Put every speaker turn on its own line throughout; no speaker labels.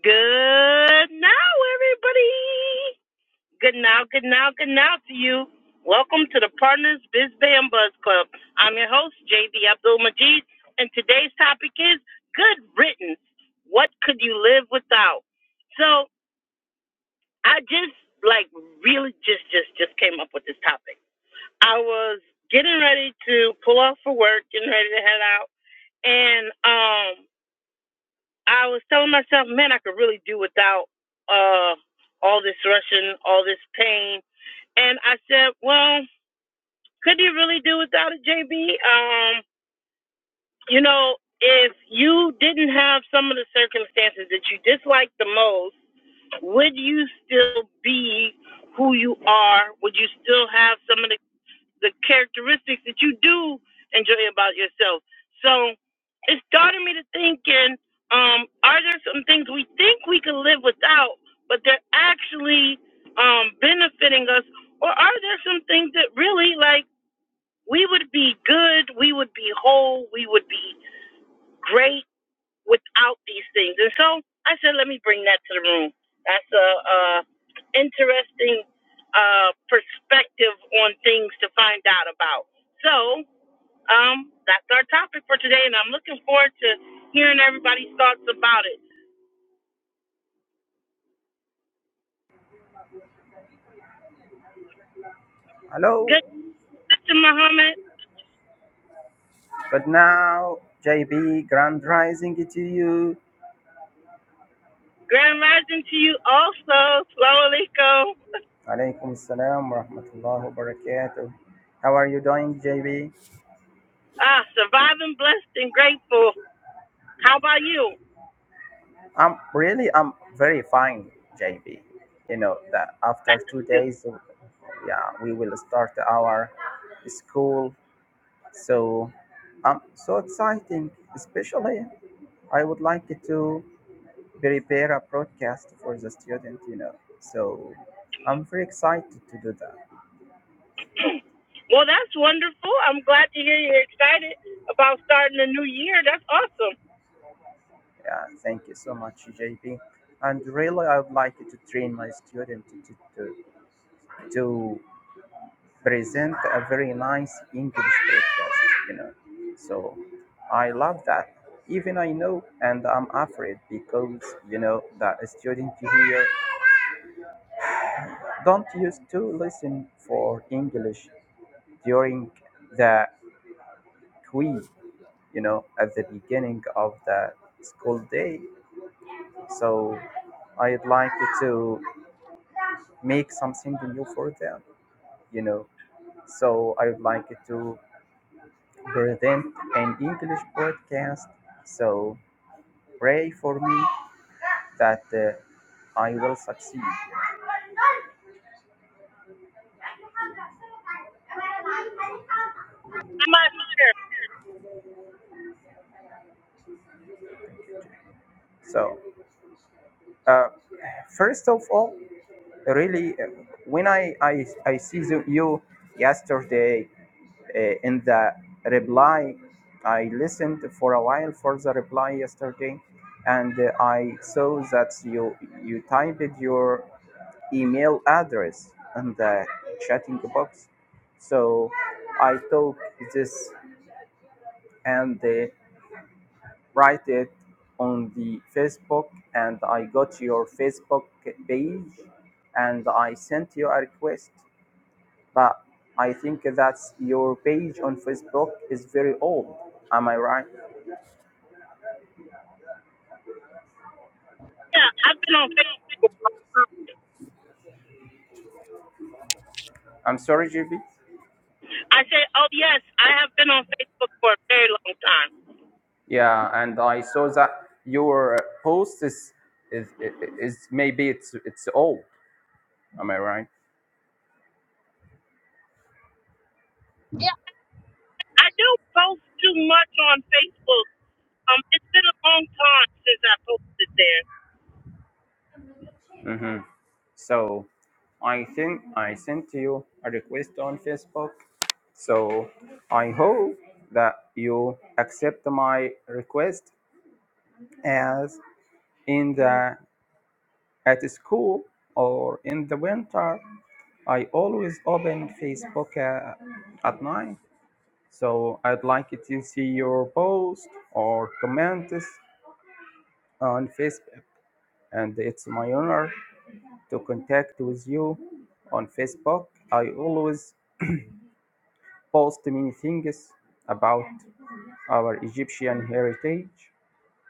Good now, everybody. Good now, good now, good now to you. Welcome to the Partners Biz Bam Buzz Club. I'm your host, JB Abdul Majid, and today's topic is good riddance. What could you live without? So I just like really just just just came up with this topic. I was getting ready to pull off for work, getting ready to head out, and um. I was telling myself, man, I could really do without uh all this rushing, all this pain. And I said, well, could you really do without it, JB? Um, you know, if you didn't have some of the circumstances that you dislike the most, would you still be who you are? Would you still have some of the the characteristics that you do enjoy about yourself. So it started me to thinking, um, are there some things we think we can live without, but they're actually um, benefiting us? Or are there some things that really, like, we would be good, we would be whole, we would be great? without these things. And so I said, let me bring that to the room. That's a, uh interesting uh, perspective on things to find out about. So um, that's our topic for today, and I'm looking forward to hearing everybody's thoughts about it.
Hello.
Good to Muhammad.
But now, JB, grand rising to you.
Grand rising to you also, Slow Aliko.
Alaikum salam wa rahmatullahi wa barakatuh. How are you doing, JB?
Ah, surviving, blessed, and grateful. How about you?
I'm really, I'm very fine, JB. You know that after two days, yeah, we will start our school. So I'm so exciting. Especially, I would like to prepare a broadcast for the student. You know, so I'm very excited to do that.
Well, that's wonderful. I'm glad to hear you're excited about starting a new year. That's awesome.
Yeah, thank you so much, JP. And really, I would like to train my student to, to, to present a very nice English breakfast, you know. So I love that. Even I know, and I'm afraid because, you know, that a student here don't used to listen for English during the quiz, you know, at the beginning of the school day. So I'd like to make something new for them, you know. So I would like to present an English podcast. So pray for me that uh, I will succeed.
I'm sure.
So uh, first of all, really, uh, when I I, I see the- you yesterday uh, in the reply, I listened for a while for the reply yesterday, and uh, I saw that you you typed your email address and the chatting box. So I took this and uh, write it on the Facebook, and I got your Facebook page, and I sent you a request. But I think that your page on Facebook is very old. Am I right?
Yeah, I've been on Facebook.
I'm sorry, JB.
I say, oh yes, I have been on Facebook for a very long time.
Yeah, and I saw that your post is is, is maybe it's it's old. Am I right?
I do post too much on Facebook. Um, it's been a long time since I posted there.
Mm-hmm. So I think I sent you a request on Facebook. So I hope that you accept my request as in the at school or in the winter I always open Facebook uh, at night. So I'd like to see your post or comments on Facebook and it's my honor to contact with you on Facebook. I always post many things about our Egyptian heritage.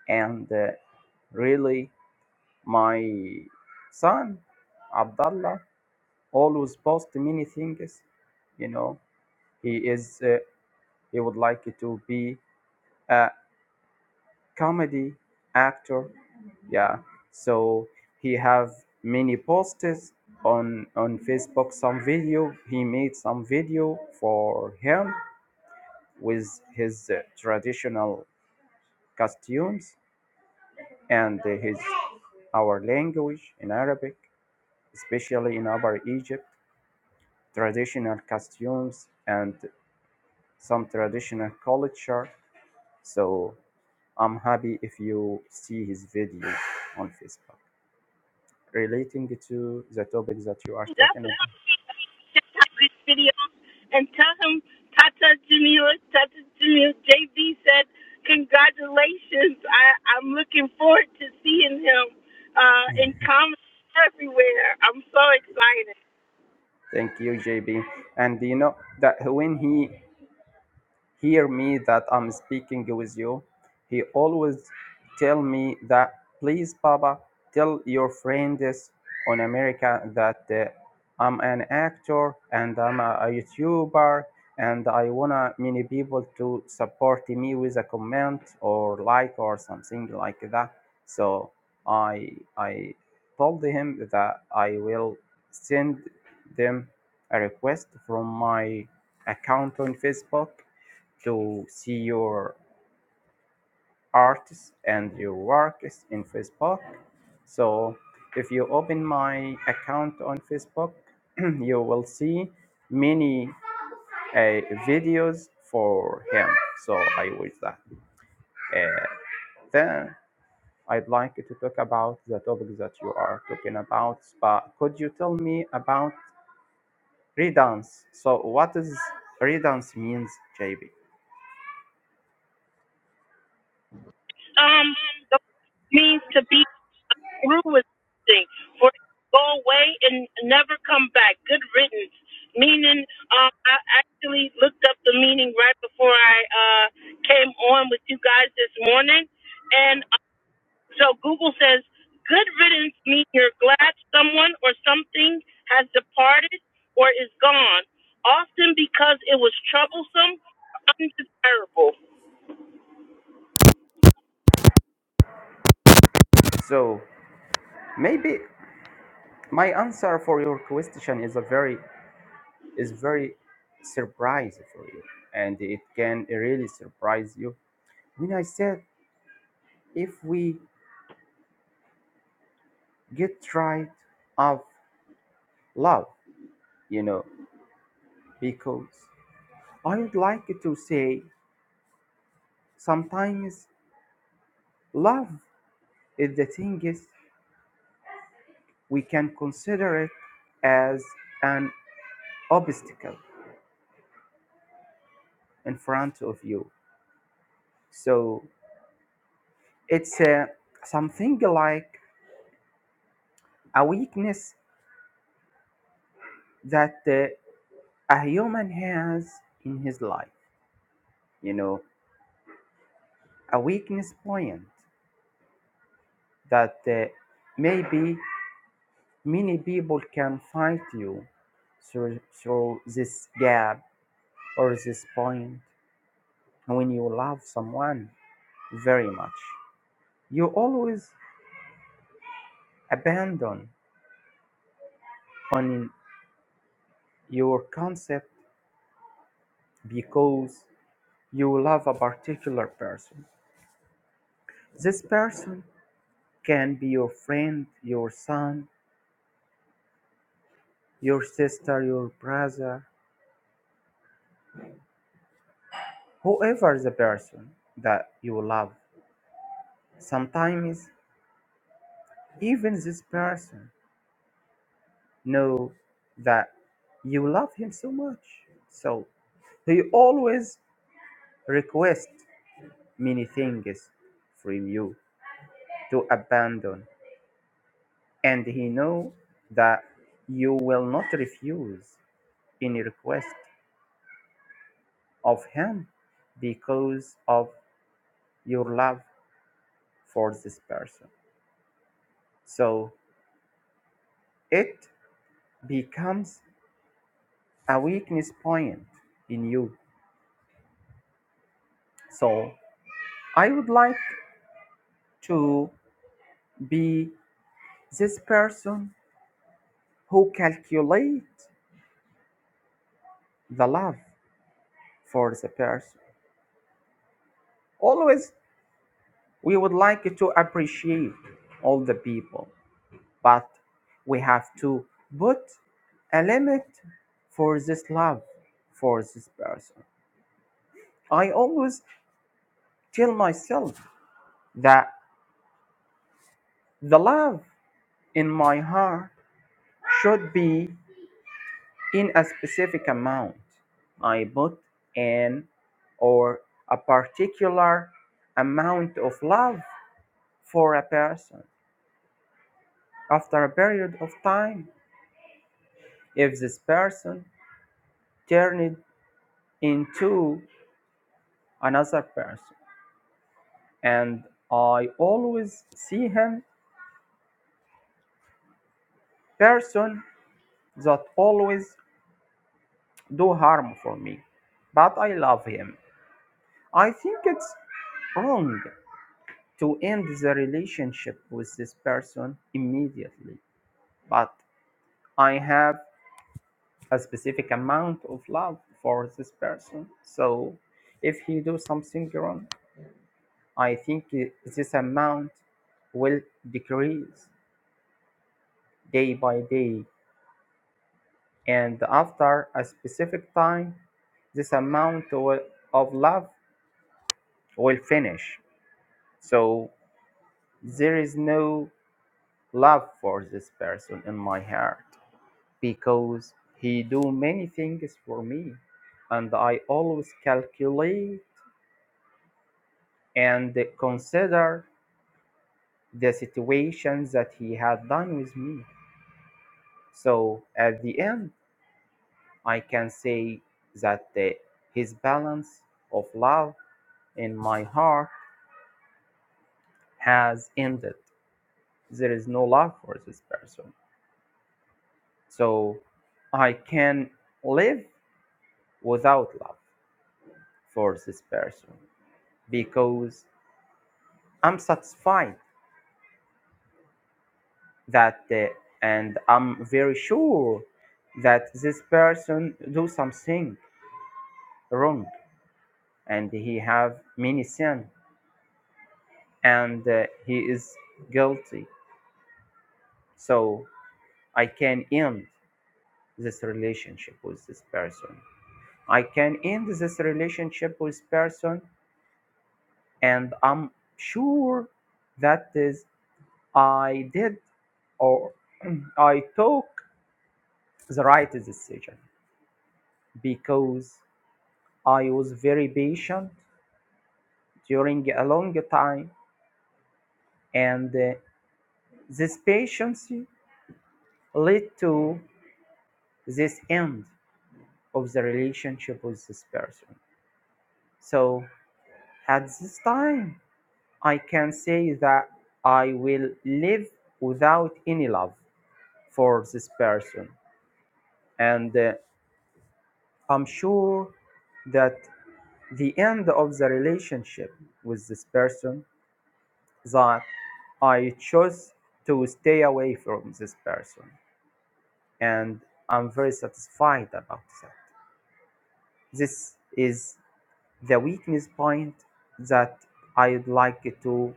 And uh, really, my son, Abdullah, always post many things. You know, he is, uh, he would like to be a comedy actor. Yeah. So he have many posts on on Facebook. Some video he made some video for him with his uh, traditional costumes and his our language in Arabic, especially in Upper Egypt, traditional costumes and some traditional culture. So I'm happy if you see his video on Facebook relating to the topic that you are
That's.
talking
a
about.
check out his videos and tell him Tata Junior, Tata Junior, JB said, congratulations. I, I'm looking forward to seeing him uh, in comments everywhere. I'm so excited.
Thank you, JB. And you know that when he hear me that I'm speaking with you. He always tell me that, please, Baba, tell your friends on America that uh, I'm an actor and I'm a, a YouTuber and I wanna many people to support me with a comment or like or something like that. So I I told him that I will send them a request from my account on Facebook to see your artists and your works in Facebook. So if you open my account on Facebook, you will see many uh, videos for him. So I wish that. Uh, then I'd like to talk about the topic that you are talking about. But could you tell me about redance? So what is redance means, JB?
Um, the means to be through with something, for it to go away and never come back. Good riddance. Meaning, uh, I actually looked up the meaning right before I uh, came on with you guys this morning. And So Google says, good riddance means you're glad someone or something has departed or is gone, often because it was troublesome or undesirable.
So maybe My answer for your question is a very is very surprise for you, and it can really surprise you when I said if we get right of love, you know, because I would like to say sometimes love is the thing is we can consider it as an obstacle in front of you. So it's uh, something like a weakness that uh, a human has in his life, you know, a weakness point that uh, maybe many people can find you through, through this gap or this point when you love someone very much. You always abandon on your concept because you love a particular person. This person can be your friend, your son, your sister, your brother, Whoever the person that you love, sometimes even this person know that you love him so much. So he always request many things from you to abandon and he know that you will not refuse any request of him because of your love for this person so it becomes a weakness point in you. So I would like to be this person who calculate the love for the person. Always we would like to appreciate all the people, but we have to put a limit for this love for this person. I always tell myself that the love in my heart should be in a specific amount. I put in or a particular amount of love for a person after a period of time if this person turned into another person and I always see him person that always do harm for me but I love him. I think it's wrong to end the relationship with this person immediately but i have a specific amount of love for this person so if he do something wrong i think i- this amount will decrease day by day and after a specific time this amount o- of love will finish so there is no love for this person in my heart because he do many things for me and i always calculate and consider the situations that he had done with me so at the end i can say that the, his balance of love in my heart has ended there is no love for this person so i can live without love for this person because I'm satisfied that uh, and i'm very sure that this person do something wrong and he have many sin and uh, he is guilty so i can end this relationship with this person i can end this relationship with person and i'm sure that is i did or i took the right decision because I was very patient during a long time, and uh, this patience led to this end of the relationship with this person. So at this time, I can say that I will live without any love for this person, and uh, I'm sure that the end of the relationship with this person that I chose to stay away from this person. And I'm very satisfied about that. This is the weakness point that I'd like to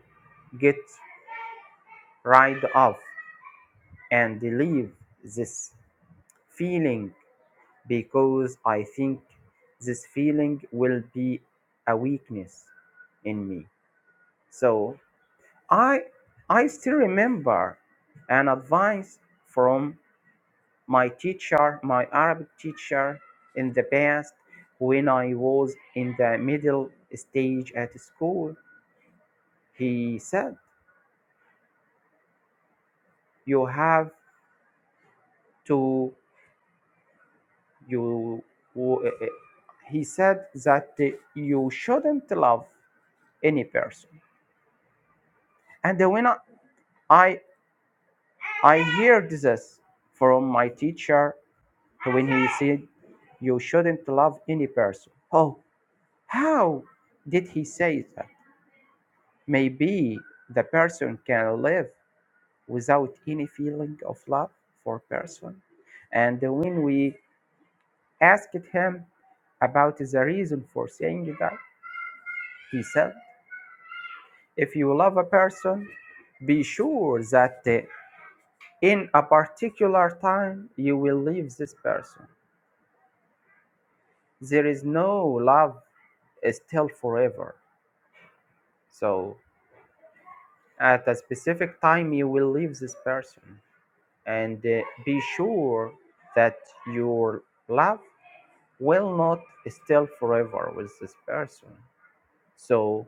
get rid of and leave this feeling because I think this feeling will be a weakness in me. So I I still remember an advice from my teacher, my Arabic teacher in the past, when I was in the middle stage at school, he said, You have to, you, w- eh, eh," he said that eh, you shouldn't love any person. And when I, I, I heard this from my teacher, when he said, You shouldn't love any person. Oh, how did he say that? Maybe the person can live without any feeling of love for person. And when we asked him about the reason for saying that, he said, if you love a person, be sure that uh, in a particular time you will leave this person. There is no love still forever. So at a specific time you will leave this person. and uh, be sure that your love will not stay forever with this person. So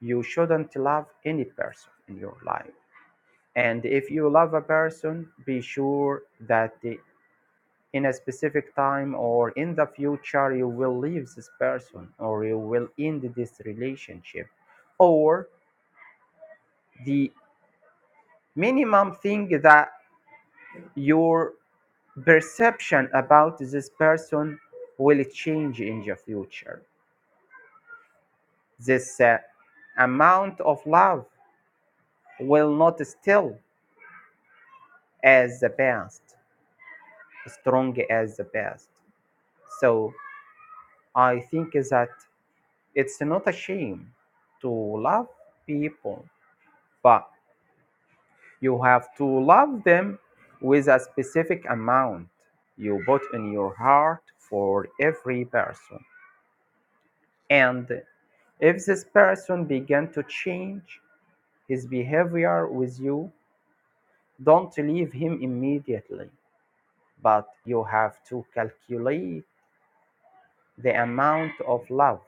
you shouldn't love any person in your life. And if you love a person, be sure that uh, in a specific time or in the future, you will leave this person or you will end this relationship. Or the minimum thing that your perception about this person will change in the future. This uh, amount of love will not still as the past, strong as the past. So I think that it's not a shame to love people, but you have to love them with a specific amount you put in your heart for every person. And if this person began to change his behavior with you, don't leave him immediately, but you have to calculate the amount of love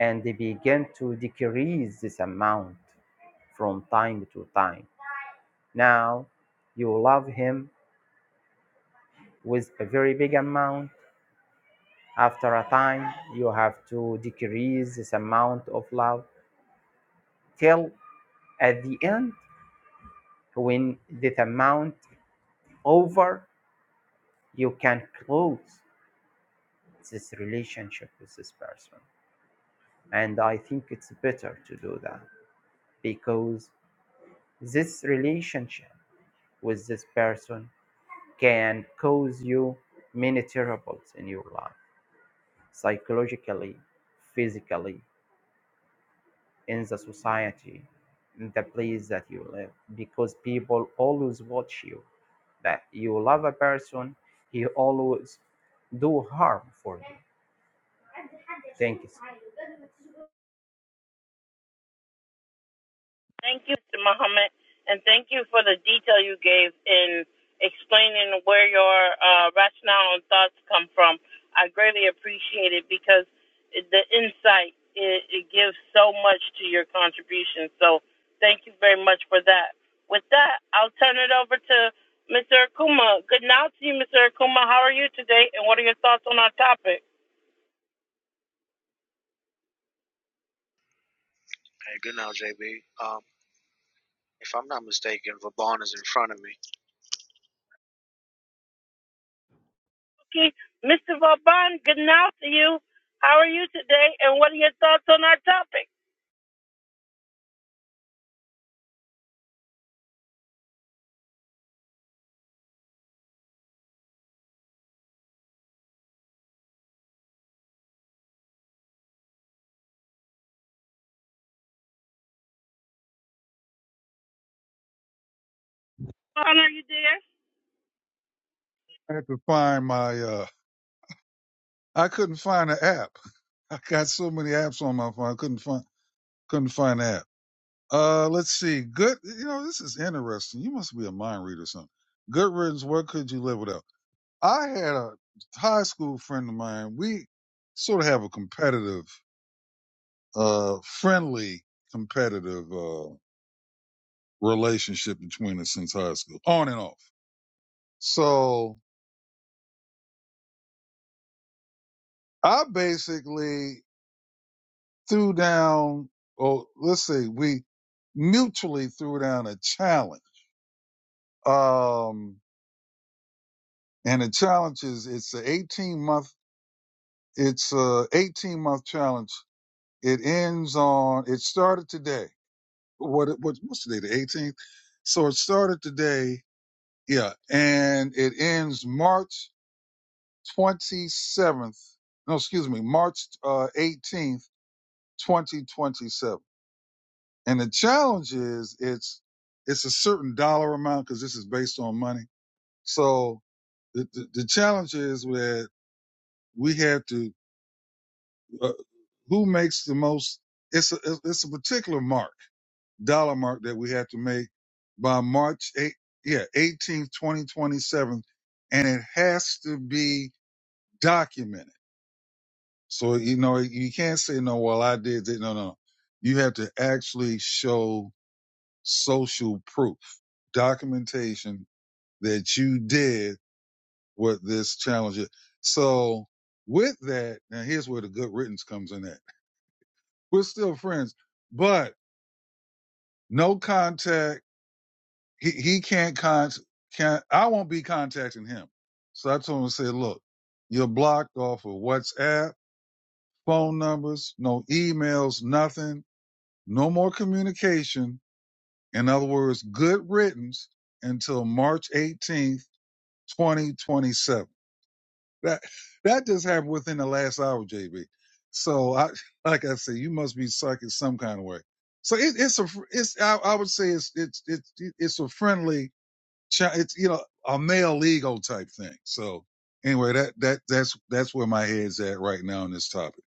and begin to decrease this amount from time to time. Now you love him with a very big amount. After a time, you have to decrease this amount of love till at the end when this amount over you can close this relationship with this person and i think it's better to do that because this relationship with this person can cause you many troubles in your life psychologically physically in the society in the place that you live because people always watch you that you love a person he always do harm for you Thank you.
Thank you, Mr. Muhammad, and thank you for the detail you gave in explaining where your uh, rationale and thoughts come from. I greatly appreciate it because the insight it, it gives so much to your contribution. So thank you very much for that. With that, I'll turn it over to Mr. Akuma. Good night to you, Mr. Akuma. How are you today, and what are your thoughts on our topic?
Hey, good now, JB. Um, if I'm not mistaken, Vaughn is in front of me.
Okay, Mr. Vaban, good night to you. How are you today, and what are your thoughts on our topic? Paul, are you there?
I had to find my. Uh, I couldn't find an app. I got so many apps on my phone. I couldn't find couldn't find an app. Uh, let's see. Good. You know, this is interesting. You must be a mind reader or something. Good riddance. What could you live without? I had a high school friend of mine. We sort of have a competitive, uh, friendly, competitive uh, relationship between us since high school, on and off. So I basically threw down, or let's say we mutually threw down a challenge. Um, and the challenge is it's a 18 month, it's a 18 month challenge. It ends on, it started today. What, what, what's today? The 18th. So it started today. Yeah. And it ends March 27th. No, excuse me, March uh, 18th, 2027. And the challenge is it's it's a certain dollar amount because this is based on money. So the, the the challenge is that we have to uh, who makes the most. It's a it's a particular mark dollar mark that we have to make by March eight yeah eighteenth twenty twenty seven, and it has to be documented. So you know you can't say no. Well, I did it. No, no. You have to actually show social proof documentation that you did what this challenge is. So with that, now here's where the good riddance comes in at. We're still friends, but no contact. He, he can't con, can't, I won't be contacting him. So I told him, I said, look, you're blocked off of WhatsApp, phone numbers, no emails, nothing, no more communication. In other words, good riddance until March 18th, 2027. That that just happened within the last hour, JB. So I, like I said, you must be psychic some kind of way. So it, it's a, it's I, I would say it's it's it's it's a friendly, it's you know a male ego type thing. So anyway, that that that's that's where my head's at right now on this topic.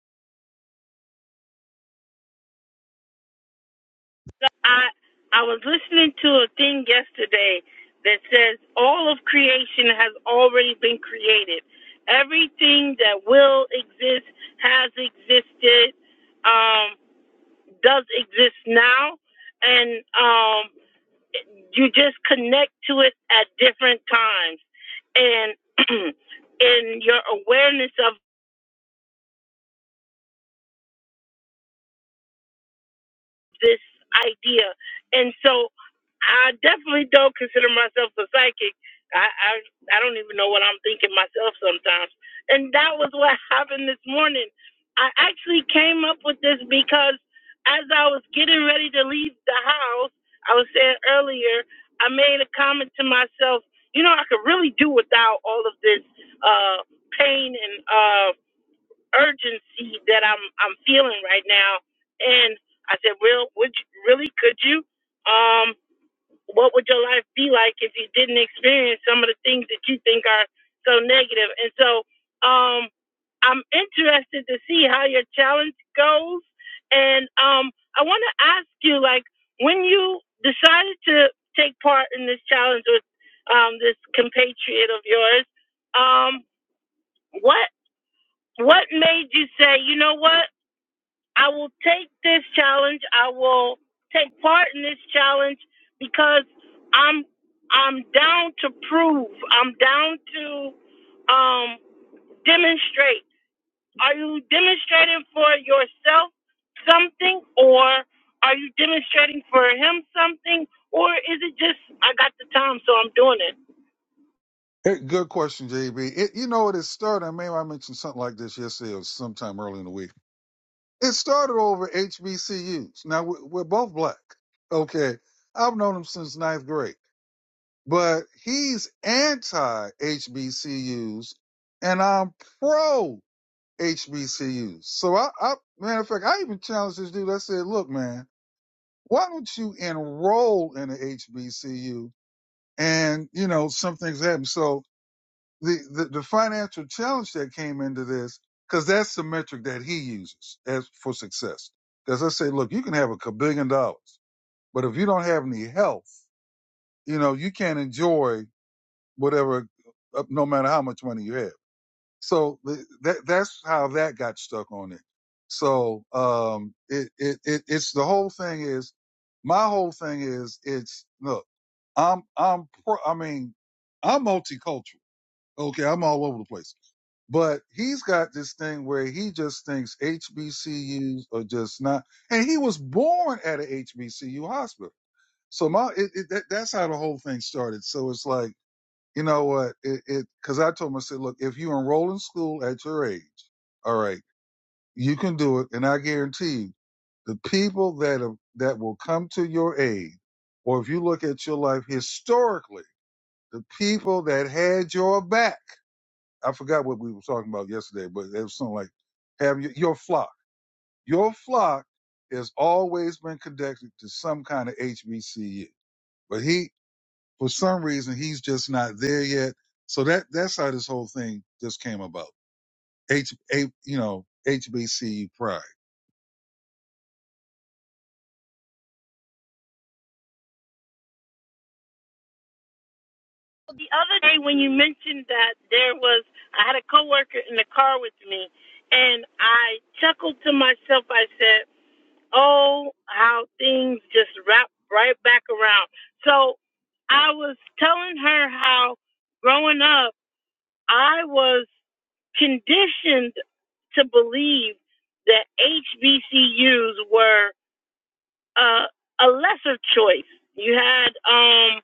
So I I was listening to a thing yesterday that says all of creation has already been created. Everything that will exist has existed, um, does exist now, and um, you just connect to it at different times. And in your awareness of. this idea. And so I definitely don't consider myself a psychic. I, I I don't even know what I'm thinking myself sometimes. And that was what happened this morning. I actually came up with this because as I was getting ready to leave the house, I was saying earlier, I made a comment to myself, you know, I could really do without all of this uh pain and uh, urgency that I'm I'm feeling right now. And I said, Well, would you, really could you? Um, what would your life be like if you didn't experience some of the things that you think are so negative? And so um I'm interested to see how your challenge goes. And um I wanna ask you like when you decided to take part in this challenge with um this compatriot of yours, um, what what made you say, you know what? I will take this challenge. I will take part in this challenge because I'm I'm down to prove. I'm down to um, demonstrate. Are you demonstrating for yourself something, or are you demonstrating for him something, or is it just I got the time, so I'm doing it?
Hey, good question, JB. It, you know, what it is started. I may I mentioned something like this yesterday or sometime early in the week. It started over HBCUs. Now we're, we're both black. Okay, I've known them since ninth grade. but he's anti HBCUs, and I'm pro HBCUs. So I, I, matter of fact, I even challenged this dude. I said, "Look, man, why don't you enroll in a HBCU?" And you know, some things happen. So the the, the financial challenge that came into this, because that's the metric that he uses as for success. Because I say, look, you can have a billion dollars, but if you don't have any health, you know, you can't enjoy whatever, up, no matter how much money you have. So th- that that's how that got stuck on it. So um, it, it it it's the whole thing is my whole thing is it's look I'm I'm pro, I mean I'm multicultural. Okay, I'm all over the place. But he's got this thing where he just thinks HBCUs are just not, and he was born at an HBCU hospital. So my it, it, that, that's how the whole thing started. So it's like you know what? It, it, cause I told him, I said, look, if you enroll in school at your age, all right, you can do it. And I guarantee you, the people that, have, that will come to your aid, or if you look at your life historically, the people that had your back, I forgot what we were talking about yesterday, but it was something like have your, your flock. Your flock has always been connected to some kind of HBCU. But he, for some reason he's just not there yet. So that that's how this whole thing just came about. H, H you know HBCU pride.
The other day when you mentioned that there was, I had a coworker in the car with me, and I chuckled to myself. I said. Oh, how things just wrap right back around. So I was telling her how growing up, I was conditioned to believe that HBCUs were uh, a lesser choice. You had um,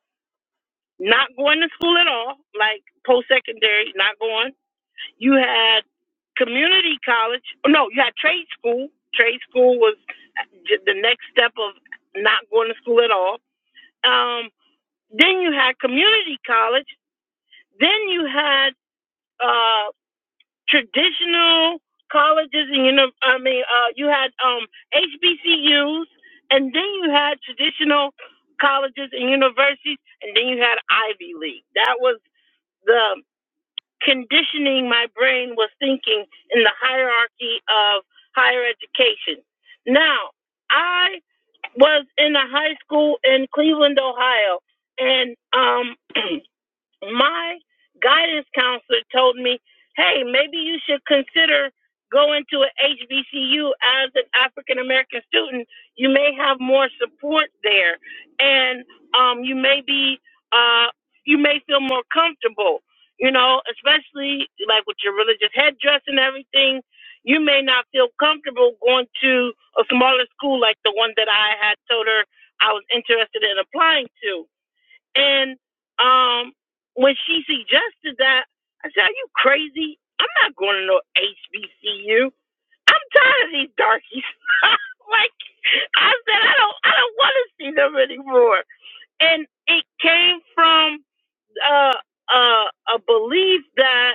not going to school at all, like post secondary, not going. You had community college. oh, No, you had trade school. Trade school was the next step of not going to school at all. Um, then you had community college. Then you had uh, traditional colleges, and you know, I mean, uh, you had um, HBCUs, and then you had traditional colleges and universities, and then you had Ivy League. That was the conditioning my brain was thinking in the hierarchy of higher education. Now, I was in a high school in Cleveland, Ohio, and um my guidance counselor told me, hey, maybe you should consider going to an HBCU as an African American student. You may have more support there, and um, you may be, uh, you may feel more comfortable. You know, especially like with your religious headdress and everything, you may not feel comfortable going to a smaller school like the one that I had told her I was interested in applying to and um, when she suggested that, I said, "Are you crazy? I'm not going to no HBCU. I'm tired of these darkies." like I said, I don't, I don't want to see them anymore. And it came from uh, uh, a belief that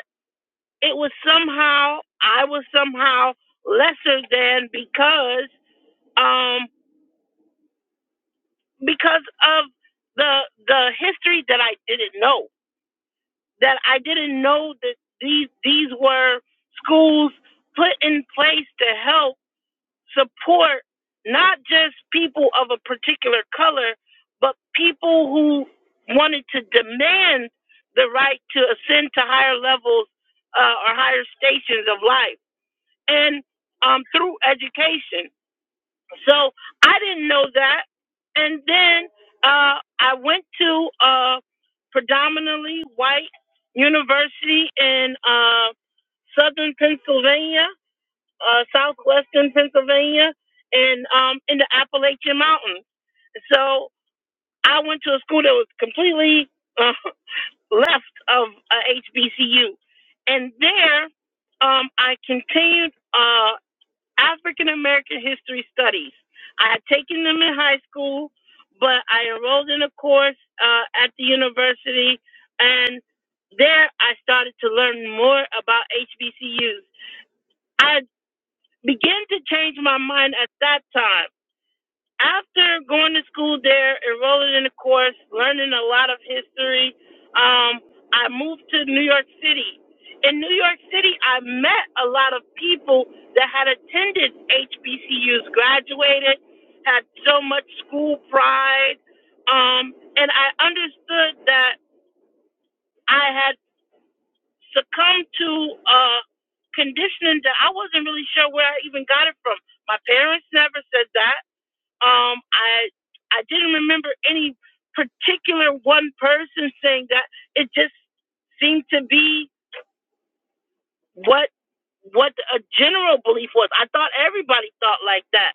it was somehow I was somehow lesser than because um, because of the the history that I didn't know that I didn't know that these these were schools put in place to help support not just people of a particular color, but people who wanted to demand the right to ascend to higher levels uh, or higher stations of life, and um, through education. So I didn't know that. And then uh, I went to a predominantly white university in uh, southern Pennsylvania, uh, southwestern Pennsylvania, and um, in the Appalachian Mountains. So I went to a school that was completely uh, left of uh, HBCU. And there um, I continued. Uh, African American History Studies. I had taken them in high school, but I enrolled in a course uh, at the university, and there I started to learn more about HBCUs. I began to change my mind at that time after going to school there, enrolling in a course, learning a lot of history, um, I moved to New York City. In New York City, I met a lot of people that had attended HBCUs, graduated, had so much school pride, um, and I understood that I had succumbed to uh, conditioning that I wasn't really sure where I even got it from. My parents never said that. Um, I I didn't remember any particular one person saying that. It just seemed to be what what a general belief was. I thought everybody thought like that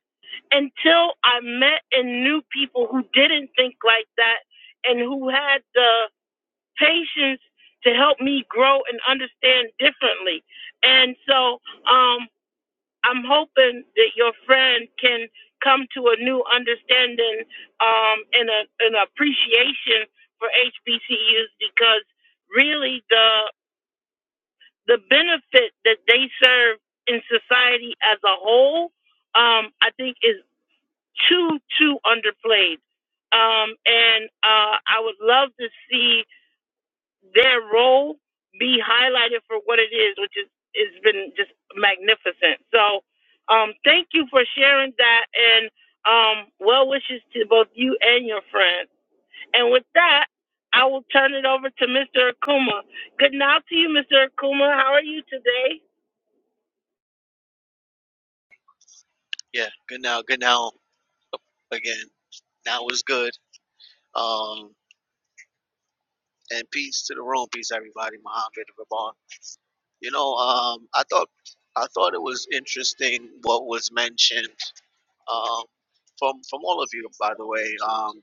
until I met and knew people who didn't think like that and who had the patience to help me grow and understand differently. And so, um, I'm hoping that your friend can come to a new understanding um, and a, an appreciation for HBCUs because really the the benefit that they serve in society as a whole, um, I think, is too too underplayed. Um, and uh, I would love to see their role be highlighted for what it is, which is has been just magnificent. So, um, thank you for sharing that, and um, well wishes to both you and your friends. And with that, I will turn it over to Mr. Akuma. Good night to you, Mr. Akuma. How are you today,
Yeah, good now, good now again. That was good. Um, and peace to the room, peace everybody. Mohammed Vaughn. You know, um, I thought, I thought it was interesting what was mentioned. Um, from from all of you, by the way. Um,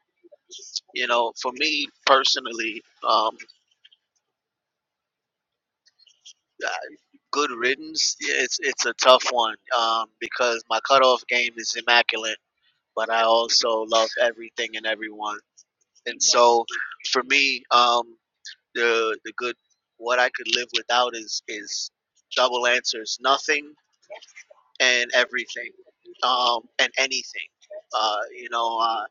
you know, for me personally, um, uh, good riddance. It's it's a tough one um, because my cutoff game is immaculate. but I also love everything and everyone. And so, for me, um, the the good what I could live without is is double answers, nothing and everything, um, and anything. Uh, you know, uh,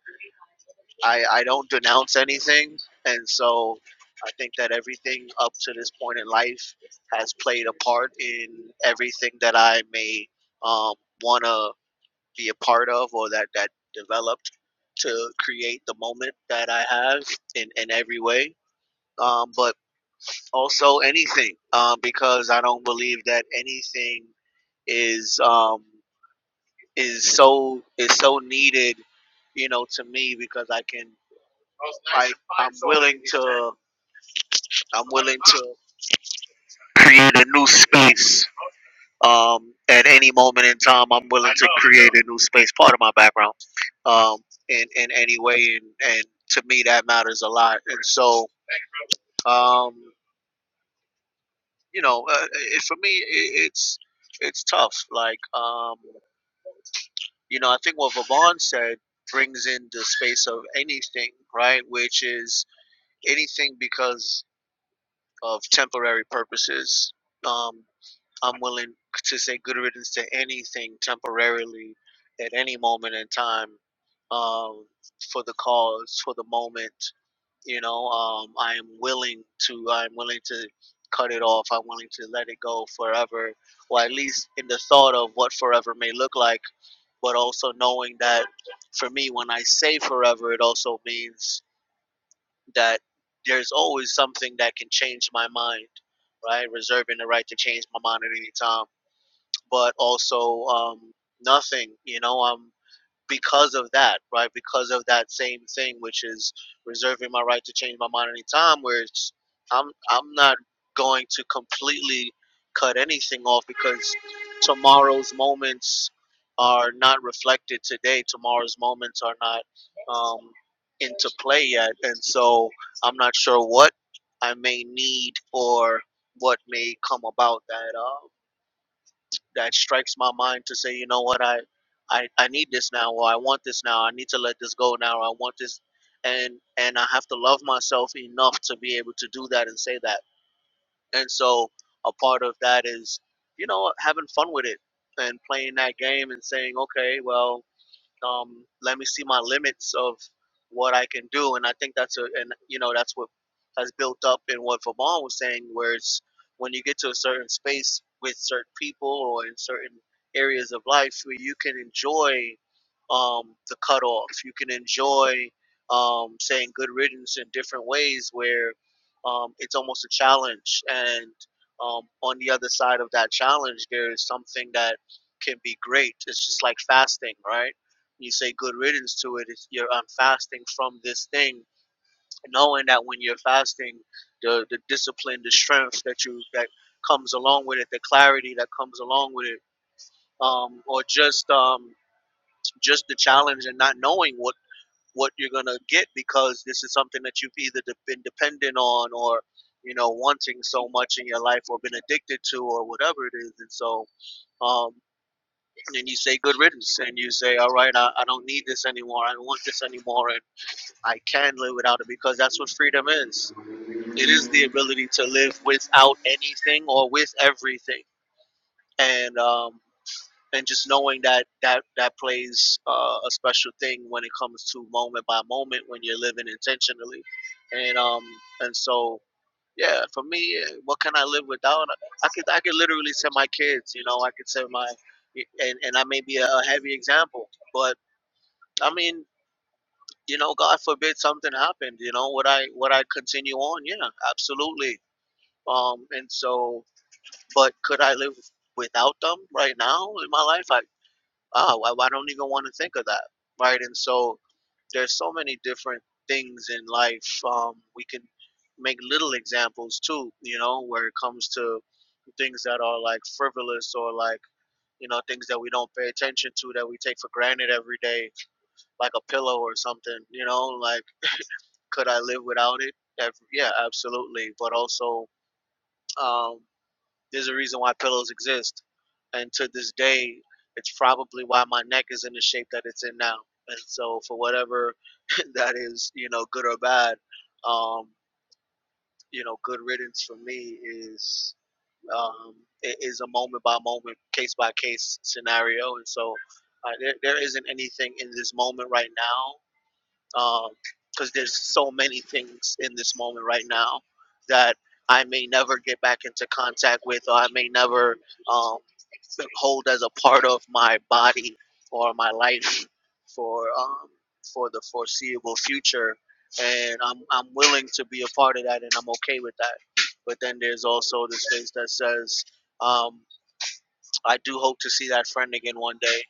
I I don't denounce anything, and so I think that everything up to this point in life has played a part in everything that I may um, want to be a part of or that that developed to create the moment that I have in in every way. Um, but also anything um, because I don't believe that anything is um, is so is so needed, you know, to me because I can I I'm willing to I'm willing to create a new space Um, at any moment in time, I'm willing to create a new space, part of my background, um, in, in any way. And, and to me, that matters a lot. And so, um, you know, uh, it, for me, it, it's, it's tough. Like, um, you know, I think what Vaughn said brings in the space of anything, right? Which is anything because of temporary purposes. Um, I'm willing to say good riddance to anything temporarily at any moment in time um, for the cause, for the moment. You know, um, I am willing to. I'm willing to cut it off. I'm willing to let it go forever, or at least in the thought of what forever may look like. But also knowing that for me, when I say forever, it also means that there's always something that can change my mind, right? Reserving the right to change my mind at any time but also um, nothing, you know, um, because of that, right? Because of that same thing, which is reserving my right to change my mind anytime, where it's, I'm, I'm not going to completely cut anything off because tomorrow's moments are not reflected today. Tomorrow's moments are not um, into play yet. And so I'm not sure what I may need or what may come about that. Um, that strikes my mind to say, you know what, I, I, I need this now, or I want this now, I need to let this go now, or I want this, and and I have to love myself enough to be able to do that and say that. And so a part of that is, you know, having fun with it and playing that game and saying, okay, well, um, let me see my limits of what I can do. And I think that's a, and you know, that's what has built up in what Vaughn was saying, where it's when you get to a certain space with certain people or in certain areas of life where you can enjoy um, the cutoff, you can enjoy um, saying good riddance in different ways where um, it's almost a challenge. And um, on the other side of that challenge, there is something that can be great. It's just like fasting, right? You say good riddance to it. It's, you're um, fasting from this thing, knowing that when you're fasting, the the discipline, the strength that you that comes along with it, the clarity that comes along with it, um, or just um, just the challenge and not knowing what what you're gonna get because this is something that you've either de- been dependent on or you know wanting so much in your life or been addicted to or whatever it is and so um and you say good riddance and you say all right i, I don't need this anymore i don't want this anymore and I can live without it because that's what freedom is. It is the ability to live without anything or with everything, and um, and just knowing that that that plays uh, a special thing when it comes to moment by moment when you're living intentionally, and um and so yeah, for me, eh, what can I live without? I could I could literally send my kids, you know, I could send my, and and I may be a heavy example, but I mean you know, God forbid something happened, you know, would I would I continue on? Yeah, absolutely. Um, and so, but could I live without them right now in my life? I ah, I, I don't even want to think of that, right? And so, there's so many different things in life. Um, we can make little examples too, you know, where it comes to things that are like frivolous or like you know things that we don't pay attention to that we take for granted every day like a pillow or something you know like could I live without it? Ab- Yeah, absolutely. But also, um, there's a reason why pillows exist, and to this day, it's probably why my neck is in the shape that it's in now. And so, for whatever that is, you know, good or bad, um, you know, good riddance for me is um, i- is a moment by moment, case by case scenario. And so, uh, there, there isn't anything in this moment right now because there's so many things in this moment right now that I may never get back into contact with, or I may never um, hold as a part of my body or my life for um, for the foreseeable future. And I'm I'm willing to be a part of that, and I'm okay with that. But then there's also this space that says um, I do hope to see that friend again one day.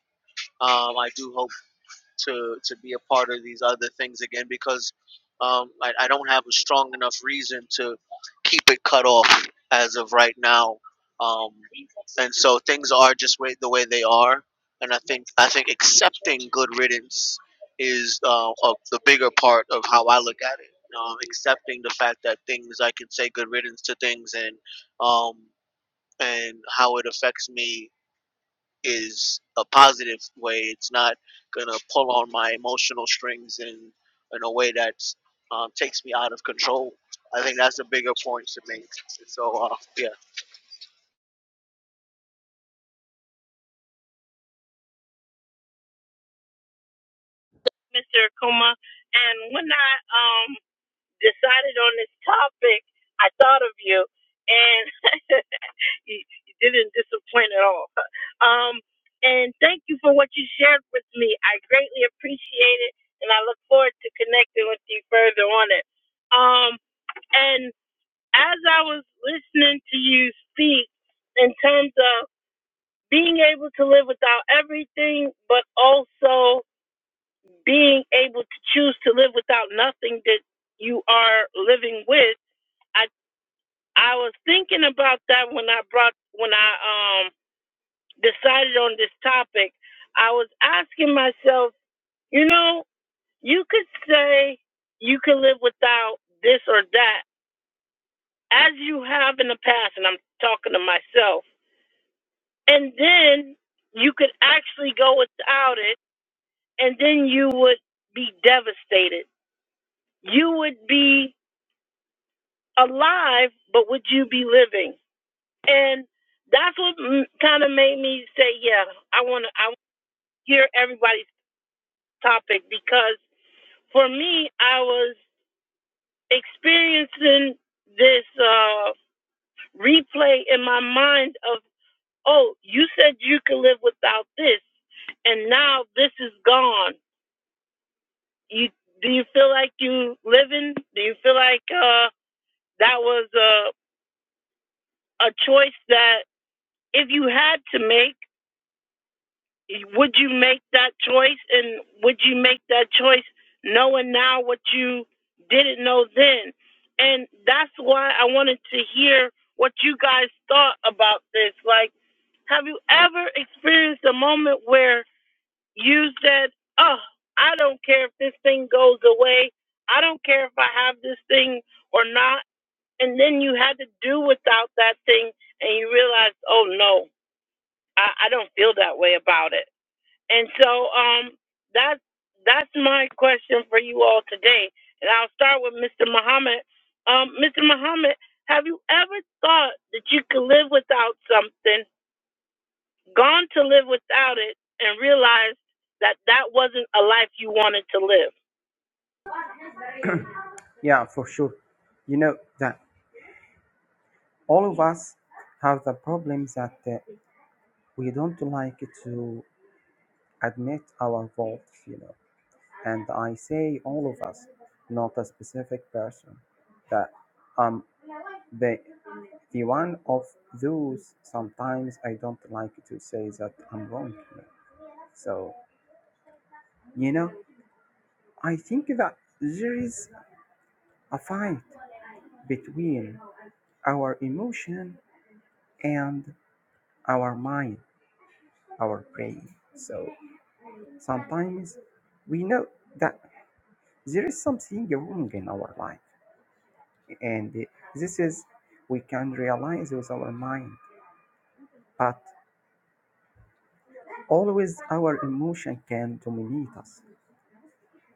Um, I do hope to to be a part of these other things again because um, I, I don't have a strong enough reason to keep it cut off as of right now. Um, and so things are just way, the way they are, and I think I think accepting good riddance is uh, of the bigger part of how I look at it. Um, accepting the fact that things I can say good riddance to things and um, and how it affects me is a positive way. It's not gonna pull on my emotional strings in in a way that um, takes me out of control. I think that's a bigger point to make. So uh, yeah,
Mr. Akuma? And when I um, decided on this topic, I thought of you, and. you, you didn't disappoint at all. Um, and thank you for what you shared with me. I greatly appreciate it, and I look forward to connecting with you further on it. Um, and as I was listening to you speak in terms of being able to live without everything, but also being able to choose to live without nothing that you are living with, I I was thinking about that when I brought when I um decided on this topic, I was asking myself, you know, you could say you can live without this or that as you have in the past, and I'm talking to myself. And then you could actually go without it, and then you would be devastated. You would be alive, but would you be living? And that's what kind of made me say, yeah, I want to I wanna hear everybody's topic because for me, I was experiencing this uh, replay in my mind of, oh, you said you could live without this, and now this is gone. You do you feel like you living? Do you feel like uh, that was a a choice that if you had to make? would you make that choice and would you make that choice knowing now what you didn't know then and that's why i wanted to hear what you guys thought about this like have you ever experienced a moment where you said oh i don't care if this thing goes away i don't care if i have this thing or not and then you had to do without that thing and you realized oh no i, I don't feel that way about it and so um that's that's my question for you all today. And I'll start with Mr. Muhammad. Um, Mr. Muhammad, have you ever thought that you could live without something, gone to live without it, and realized that that wasn't a life you wanted to live?
Yeah, for sure. You know that all of us have the problem that uh, we don't like to admit our fault, you know. And I say all of us, not a specific person. That um the the one of those sometimes I don't like to say that I'm wrong. you know. So you know, I think that there is a fight between our emotion and our mind, our brain. So sometimes we know that there is something wrong in our life, and this is we can realize with our mind, but always our emotion can dominate us,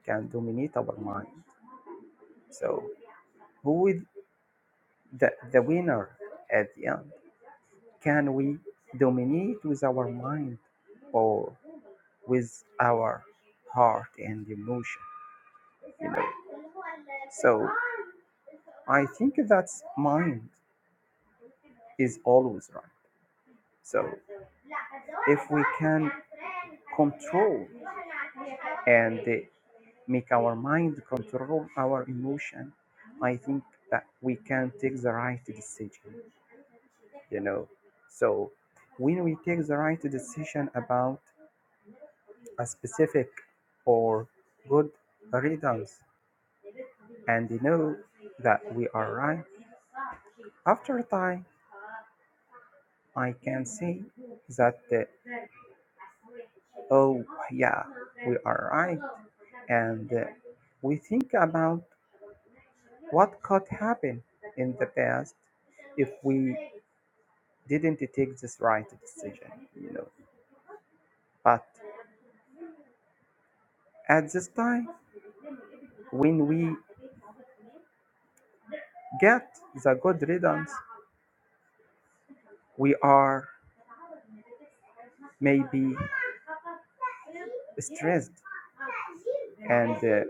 can dominate our mind. So who is the, the winner at the end? Can we dominate with our mind or with our heart and emotion? You know. So I think that's mind is always right. So if we can control and uh, make our mind control our emotion, I think that we can take the right decision, you know. So when we take the right decision about a specific or good rhythms and know that we are right, after a time I can say that uh, Oh, yeah, we are right. And uh, we think about what could happen in the past if we didn't take this right decision, you know. But at this time, when we get the good riddance, we are maybe stressed and uh,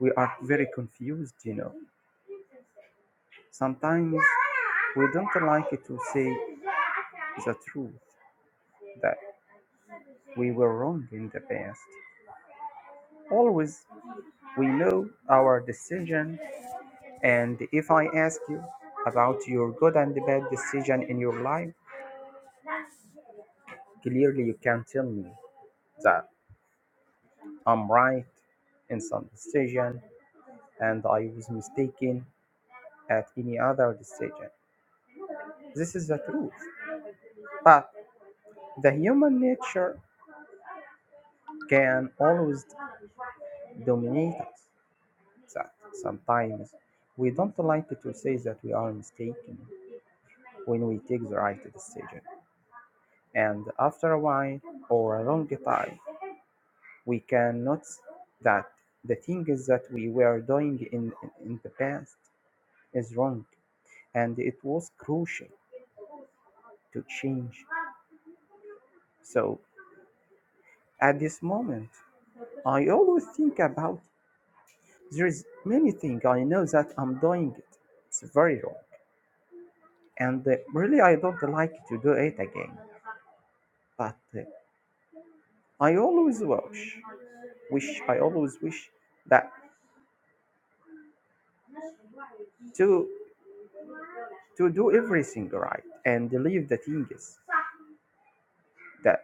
we are very confused, you know. Sometimes we don't like to say the truth that we were wrong in the past Always we know our decision, and if I ask you about your good and bad decision in your life, clearly you can tell me that I'm right in some decision and I was mistaken at any other decision. This is the truth. But the human nature can always dominate us. That sometimes we don't like to say that we are mistaken when we take the right decision. And after a while or a long time, we can notice that the things that we were doing in, in the past is wrong. And it was crucial to change. So at this moment, I always think about there's many things I know that I'm doing it. It's very wrong. And uh, really, I don't like to do it again. But uh, I always wish, wish, I always wish that to to do everything right and leave the things that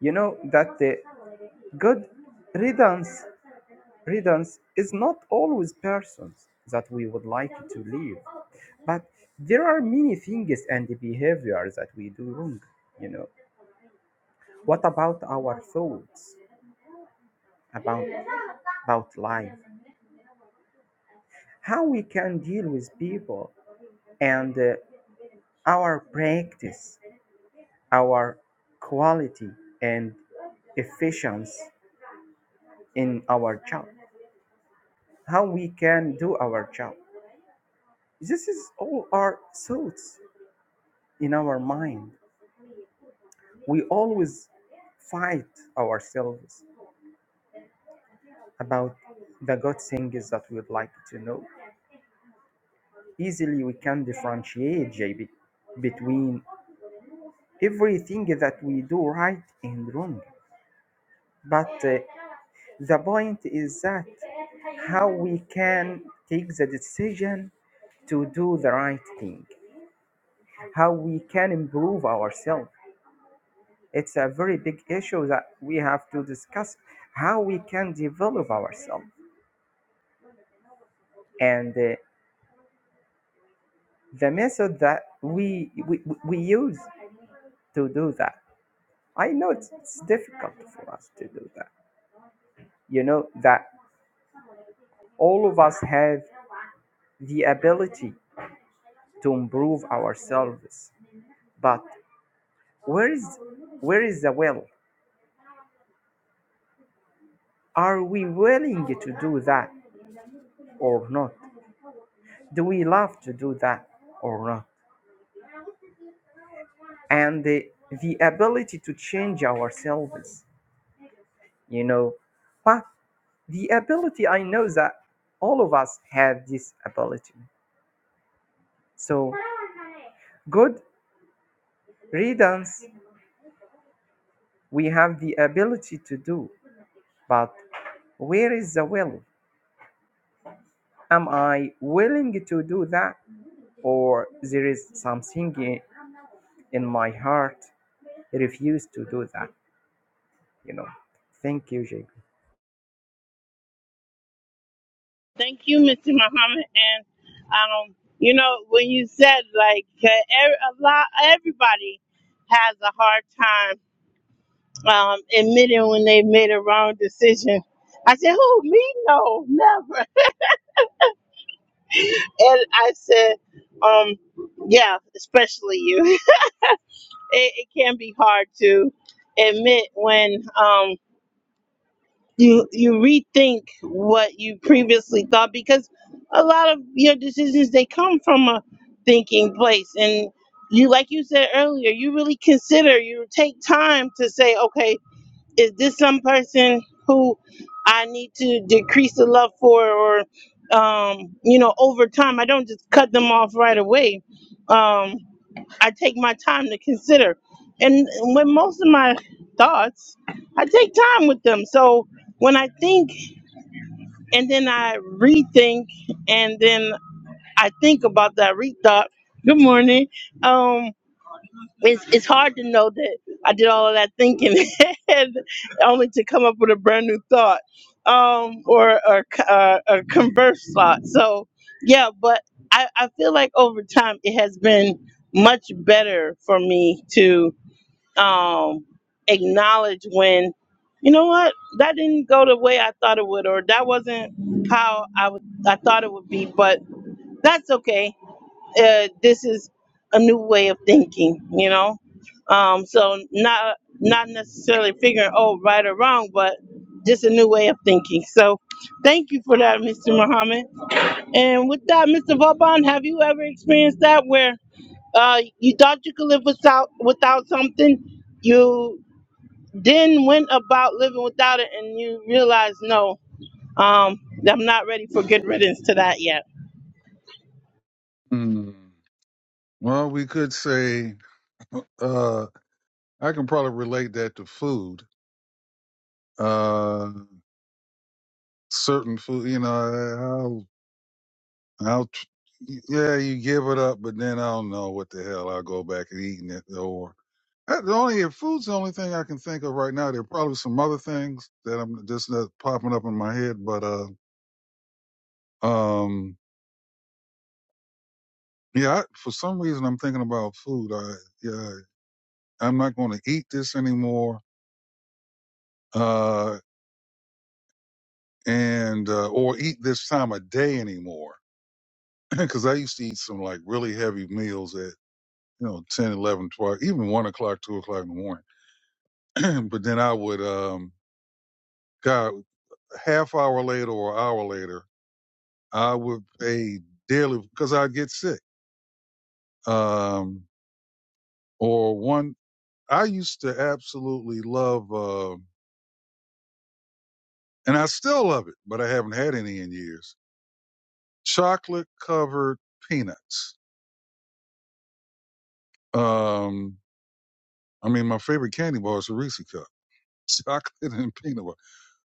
you know that the good riddance riddance is not always persons that we would like to leave but there are many things and behaviors that we do wrong you know what about our thoughts about about life how we can deal with people and uh, our practice our quality and efficiency in our job, how we can do our job. This is all our thoughts in our mind. We always fight ourselves about the good things that we'd like to know. Easily we can differentiate JB between everything that we do right and wrong. But uh, the point is that how we can take the decision to do the right thing, how we can improve ourselves, It's a very big issue that we have to discuss how we can develop ourselves and uh, the method that we, we we use to do that. I know it's, it's difficult for us to do that. You know that all of us have the ability to improve ourselves, but where is where is the will? Are we willing to do that or not? Do we love to do that or not? and the, the ability to change ourselves you know but the ability i know that all of us have this ability so good riddance we have the ability to do but where is the will am i willing to do that or there is something in, in my heart refuse to do that you know thank you jake
Thank you, Mama. And um, you know, when you said like 'cause every, a lot, everybody has a hard time. um, admitting when they made a wrong decision. I said, "Who me? No, never." And I said, "Um, yeah, especially you. It, it can be hard to admit when um you you rethink what you previously thought because a lot of your decisions they come from a thinking place and." You like you said earlier, you really consider, you take time to say, okay, is this some person who I need to decrease the love for or um you know over time I don't just cut them off right away um I take my time to consider and with most of my thoughts I take time with them so when I think and then I rethink and then I think about that rethought good morning Um, it's it's hard to know that I did all of that thinking and only to come up with a brand new thought um or or c- uh, a converse thought. So yeah, but I I feel like over time it has been much better for me to um acknowledge when you know what that didn't go the way I thought it would or that wasn't how I would I thought it would be, but that's okay uh, this is a new way of thinking, you know. Um, so not not necessarily figuring oh right or wrong, but just a new way of thinking. So thank you for that, Mr. Muhammad. And with that, Mr. Vauban, have you ever experienced that where uh, you thought you could live without without something, you then went about living without it, and you realized no, um, I'm not ready for good riddance to that yet.
Mm. Well, we could say uh, I can probably relate that to food. Uh, certain food, you know, I'll, I'll, tr- yeah, you give it up, but then I don't know what the hell I'll go back and eating it. Or Uh, the only if food's the only thing I can think of right now. There are probably some other things that I'm just not popping up in my head, but uh. Um, yeah, I, for some reason I'm thinking about food. I, yeah, I'm not going to eat this anymore, uh, and uh, or eat this time of day anymore. Because I used to eat some like really heavy meals at you know 10, 11, 12, even one o'clock, two o'clock in the morning. but then I would, um, God, half hour later or hour later, I would pay dearly because I'd get sick. Um, or one, I used to absolutely love. Uh, and I still love it, but I haven't had any in years. Chocolate covered peanuts. Um, I mean, my favorite candy bar is a Reese cup, chocolate and peanut butter.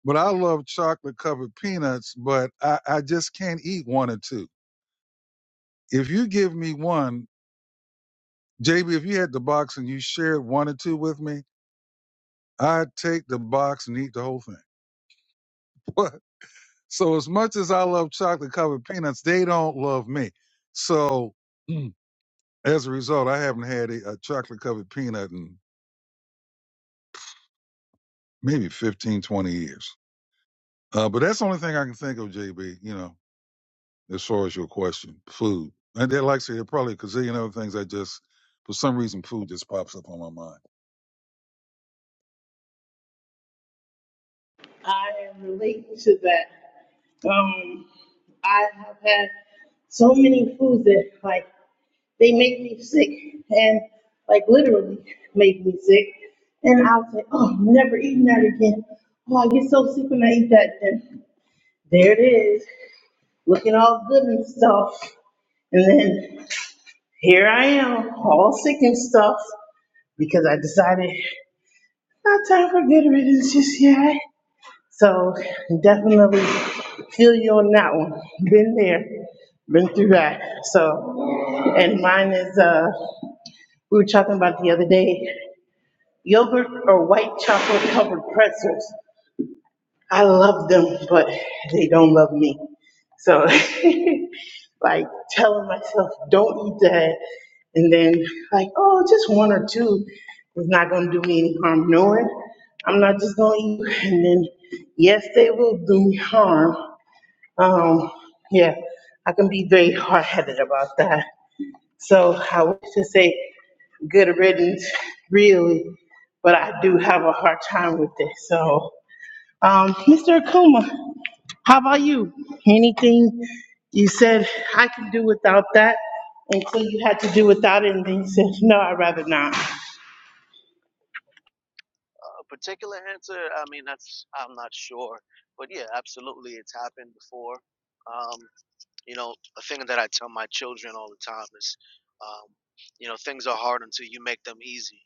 But I love chocolate covered peanuts, but I, I just can't eat one or two. If you give me one, JB, if you had the box and you shared one or two with me, I'd take the box and eat the whole thing. so as much as I love chocolate covered peanuts, they don't love me. So As a result, I haven't had a, a chocolate covered peanut in maybe 15, 20 years. Uh, but that's the only thing I can think of, JB, you know, as far as your question, food. And then, like I said, there are probably a gazillion other things I just, for some reason, food just pops up on my mind.
I relate to that. Um, I have had so many foods that like they make me sick and like literally make me sick. And I'll say, oh, I'm never eating that again. Oh, I get so sick when I eat that. Then there it is, looking all good and stuff. And then here I am, all sick and stuff, because I decided not time for good riddance just yet. So definitely feel you on that one. Been there, been through that. So, and mine is, uh, we were talking about the other day, yogurt or white chocolate covered pretzels. I love them, but they don't love me. So like telling myself, don't eat that. And then like, oh, just one or two is not gonna do me any harm. Knowing I'm not just gonna eat, and then yes, they will do me harm. Um, yeah, I can be very hard headed about that. So I wish to say good riddance, really, but I do have a hard time with it. So, um, Mr. Akuma, how about you? Anything you said I can do without that until you had to do without it, and then you said, no, I'd rather not.
a particular answer. I mean, that's I'm not sure, but yeah, absolutely, it's happened before. Um, you know, a thing that I tell my children all the time is, um, you know, things are hard until you make them easy.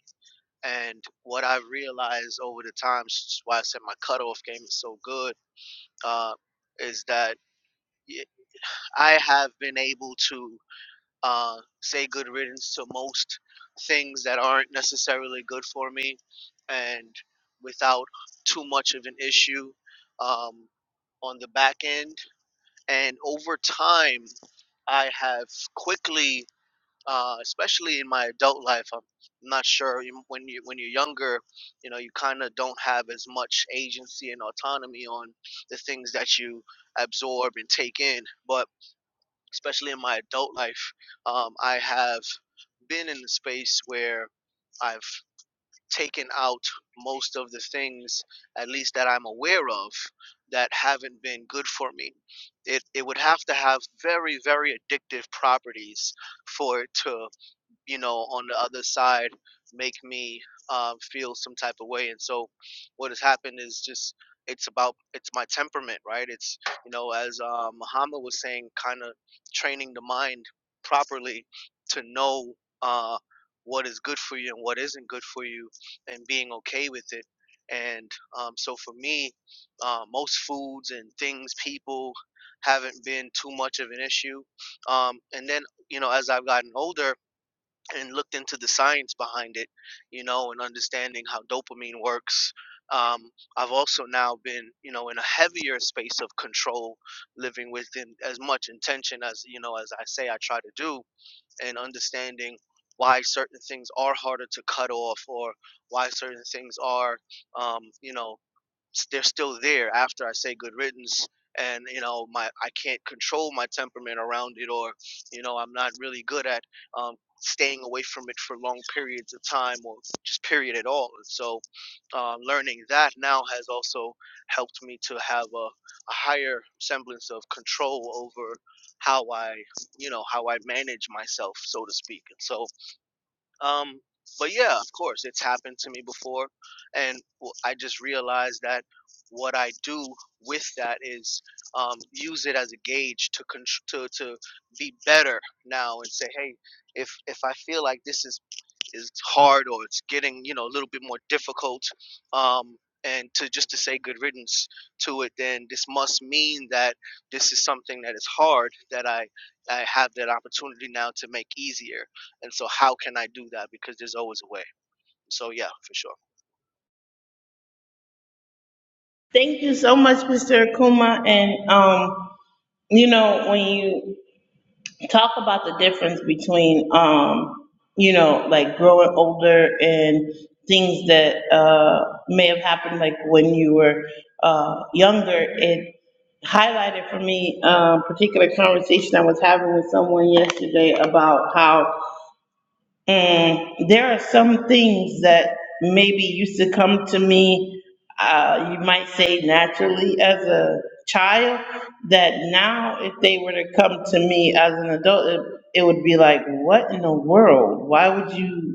And what I realized over the time, s- why I said my cutoff game is so good uh, is that yeah, I have been able to uh, say good riddance to most things that aren't necessarily good for me, and without too much of an issue um, on the back end. And over time, I have quickly uh, especially in my adult life. I'm not sure you- when you when you're younger, you know, you kind of don't have as much agency and autonomy on the things that you absorb and take in. But especially in my adult life, um, I have been in the space where I've taken out most of the things, at least that I'm aware of, that haven't been good for me. It, it would have to have very, very addictive properties for it to you know, on the other side make me um, feel some type of way. And so what has happened is just it's about it's my temperament, right? It's you know, as uh, Muhammad was saying, kind of training the mind properly to know uh, what is good for you and what isn't good for you, and being okay with it. And um, so for me, uh, most foods and things, people haven't been too much of an issue. Um, and then you know, as I've gotten older, and looked into the science behind it, you know, and understanding how dopamine works. Um, I've also now been, you know, in a heavier space of control, living within as much intention as, you know, as I say I try to do, and understanding why certain things are harder to cut off or why certain things are, um, you know, s- they're still there after I say good riddance and you know my I can't control my temperament around it or you know I'm not really good at um, staying away from it for long periods of time or just period at all and so uh, learning that now has also helped me to have a, a higher semblance of control over how I you know how I manage myself so to speak and so um, but yeah, of course, it's happened to me before, and w- I just realized that what I do with that is um, use it as a gauge to con- to to be better now and say, hey, if if I feel like this is is hard or it's getting you know a little bit more difficult um, and to just to say good riddance to it then this must mean that this is something that is hard that i i have that opportunity now to make easier and so how can i do that because there's always a way so yeah for sure
Thank you so much, Mr. Akuma. And, um, you know, when you talk about the difference between, um, you know, like growing older and things that, uh, may have happened like when you were, uh, younger. It highlighted for me, a particular conversation I was having with someone yesterday about how and there are some things that maybe used to come to me, uh, you might say naturally as a child, that now if they were to come to me as an adult, it, it would be like, what in the world? Why would you?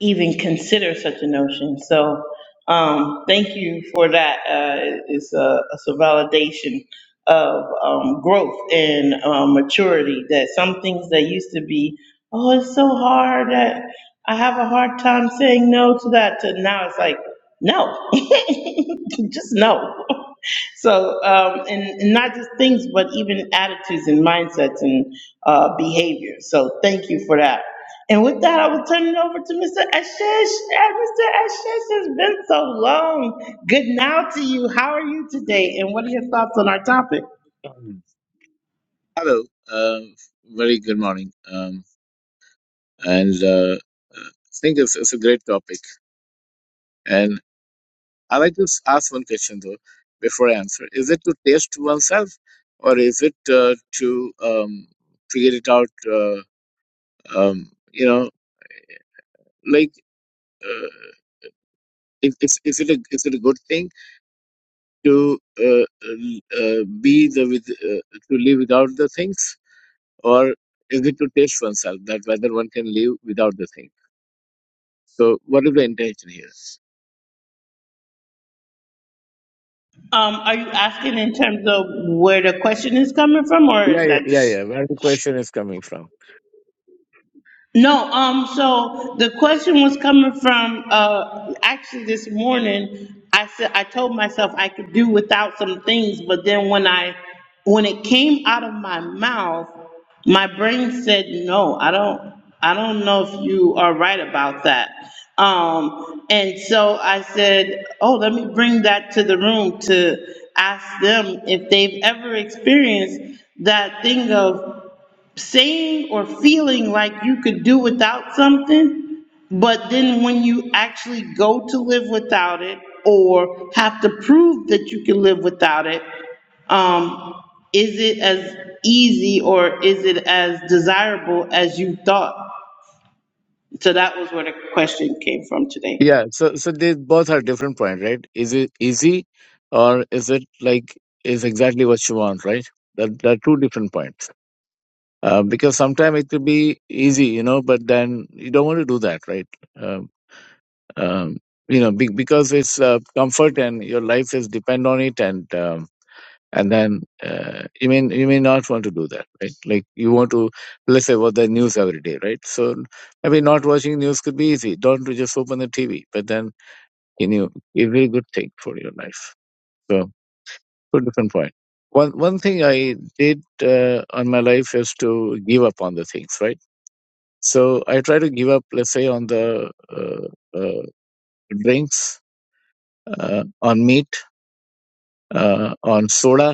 even consider such a notion. So um, thank you for that. Uh, it's, a, it's a validation of um, growth and um, maturity that some things that used to be, oh, it's so hard that I have a hard time saying no to that, to now it's like, no, just no. So, um, and, and not just things, but even attitudes and mindsets and uh, behaviors. So thank you for that. And with that, I will turn it over to Mr. Ashish. And Mr. Ashish, it's been so long. Good now to you. How are you today? And what are your thoughts on our topic?
Um, Hello. Uh, very good morning. Um, and uh, uh, I think it's, it's a great topic. And I like to s- ask one question though before I answer: Is it to taste oneself, or is it uh, to um, figure it out? Uh, um, you know, like uh, it, it's, is it a is it a good thing to uh, uh, uh, be the with uh, to live without the things, or is it to taste oneself that whether one can live without the things? So what is the intention here?
Um, are you asking in terms of where the question is coming from, or
Yeah,
is
yeah,
that
yeah,
just?
yeah. Where the question is coming from?
No, um, so the question was coming from, uh, actually this morning, I said, I told myself I could do without some things, but then when I, when it came out of my mouth, my brain said, no, I don't, I don't know if you are right about that. Um, and so I said, oh, let me bring that to the room to ask them if they've ever experienced that thing of saying or feeling like you could do without something, but then when you actually go to live without it or have to prove that you can live without it, um, is it as easy or is it as desirable as you thought? So that was where the question came from today.
Yeah. So, so they both are different point, right? Is it easy, or is it like is exactly what you want, right? That there are two different points. Uh, because sometimes it could be easy, you know, but then you don't want to do that, right? Um, um, you know, be, because it's uh, comfort and your life is depend on it, and um, and then uh, you may you may not want to do that right like you want to let's say watch the news every day right so maybe not watching news could be easy don't you just open the tv but then you know, a very good thing for your life so two different point. One one thing i did uh, on my life is to give up on the things right so i try to give up let's say on the uh, uh, drinks uh, on meat uh, on soda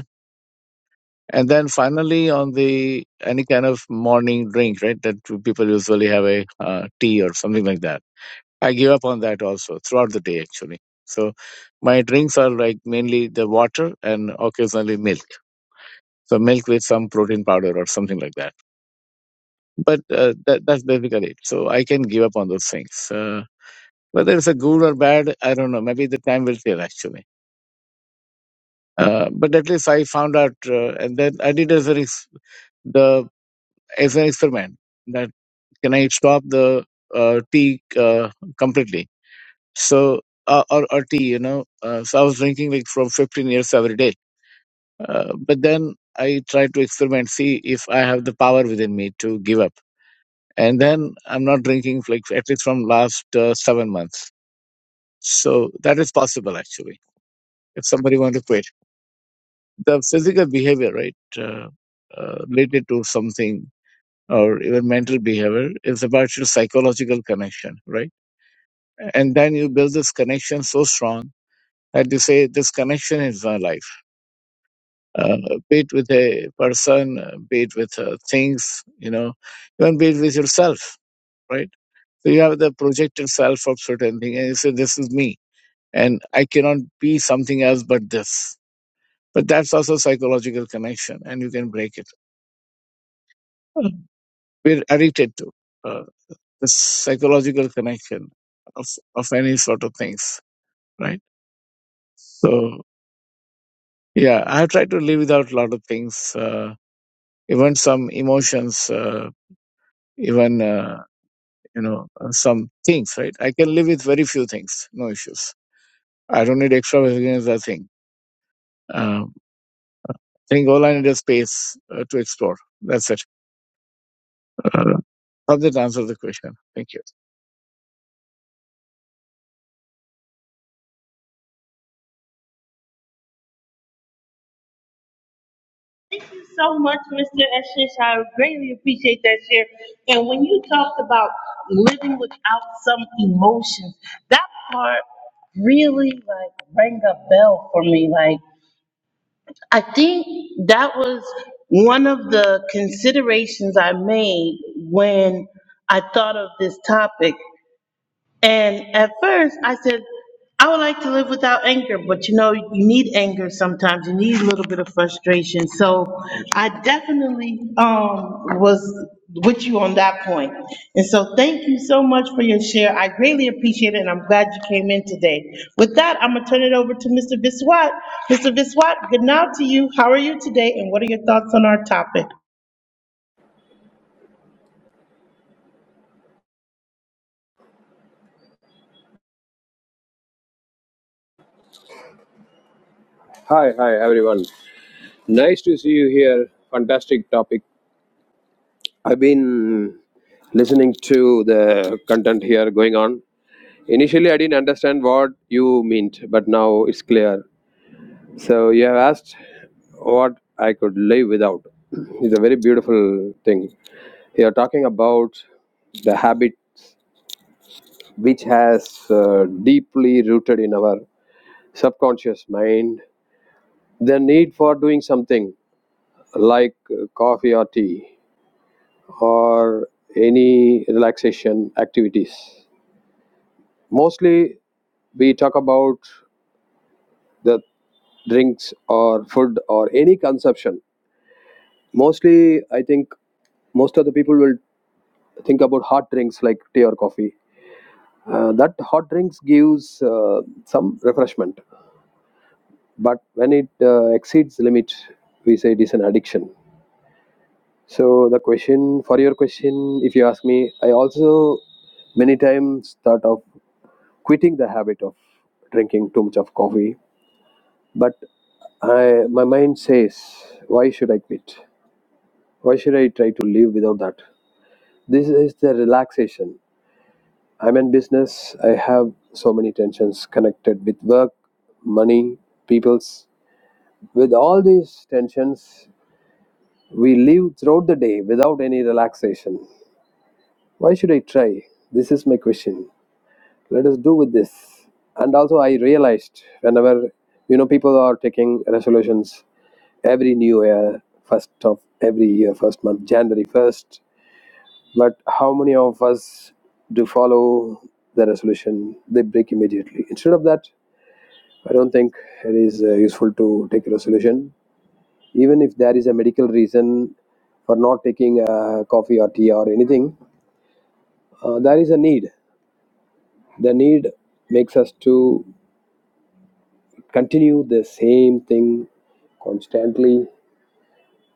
And then finally, on the any kind of morning drink, right, that people usually have a uh, tea or something like that. I give up on that also throughout the day, actually. So my drinks are like mainly the water and occasionally milk. So milk with some protein powder or something like that. But uh, that, that's basically it. So I can give up on those things. Uh, whether it's a good or bad, I don't know. Maybe the time will tell, actually. Uh, but at least I found out, uh, and then I did as a, ex- the, as an experiment that. can I stop the uh, tea uh, completely? So, uh, or, or tea, you know. Uh, so I was drinking like from 15 years every day. Uh, but then I tried to experiment, see if I have the power within me to give up. And then I'm not drinking like at least from last uh, seven months. So that is possible actually. If somebody want to quit, the physical behavior, right, uh, uh, related to something or even mental behavior is about your psychological connection, right? and then you build this connection so strong that you say this connection is my life uh, be it with a person uh, be it with uh, things you know even be it with yourself right so you have the projected self of certain thing and you say this is me and i cannot be something else but this but that's also psychological connection and you can break it Mhm. we're addicted to uh, the psychological connection of, of any sort of things right so Yeah, I have tried to live without a lot of things, uh, even some emotions, uh, even uh, you know uh, some things. Right, I can live with very few things, no issues. I don't need extravagance. I think. Um, I think all I need is space uh, to explore. That's it. Uh, hope that answers the question. Thank you.
Thank you so much, Mr. Eshish. I greatly appreciate that share. And when you talked about living without some emotions, that part really like rang a bell for me. Like, I think that was one of the considerations I made when I thought of this topic. And at first, I said, I would like to live without anger, but you know, you need anger sometimes, you need a little bit of frustration. So I definitely, um, was with you on that point. And so thank you so much for your share. I greatly appreciate it and I'm glad you came in today. With that, I'm gonna turn it over to Mr. Biswat. Mr. Biswat, good night to you. How are you today and what are your thoughts on our topic?
Hi, hi, everyone. Nice to see you here. Fantastic topic. I've been listening to the content here going on. Initially, I didn't understand what you meant, but now it's clear. So, you have asked what I could live without. It's a very beautiful thing. You are talking about the habit which has uh, deeply rooted in our subconscious mind, the need for doing something like uh, coffee or tea or any relaxation activities. Mostly, we talk about the drinks or food or any consumption. Mostly, I think most of the people will think about hot drinks like tea or coffee. Uh, that hot drinks gives uh, some refreshment, but when it uh, exceeds the limit, we say it is an addiction. So the question for your question, if you ask me, I also many times thought of quitting the habit of drinking too much of coffee, but I, my mind says, why should I quit? Why should I try to live without that? This is the relaxation. I'm in business. I have so many tensions connected with work, money, people's. With all these tensions, we live throughout the day without any relaxation. Why should I try? This is my question. let us do with this and also i realized whenever you know people are taking resolutions every new year first of every year first month january 1st but how many of us do follow the resolution they break immediately instead of that i don't think it is uh, useful to take a resolution even if there is a medical reason for not taking uh, coffee or tea or anything uh, there is a need the need makes us to continue the same thing constantly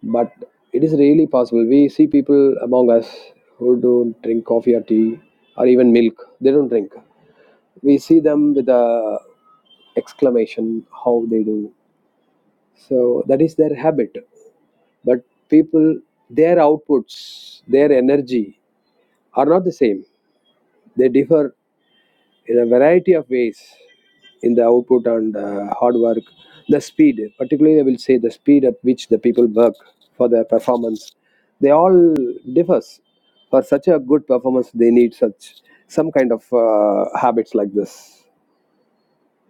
but it is really possible we see people among us who don't drink coffee or tea or even milk they don't drink we see them with a exclamation how they do so that is their habit but people their outputs their energy are not the same they differ in a variety of ways in the output and uh, hard work the speed particularly i will say the speed at which the people work for their performance they all differs for such a good performance they need such some kind of uh, habits like this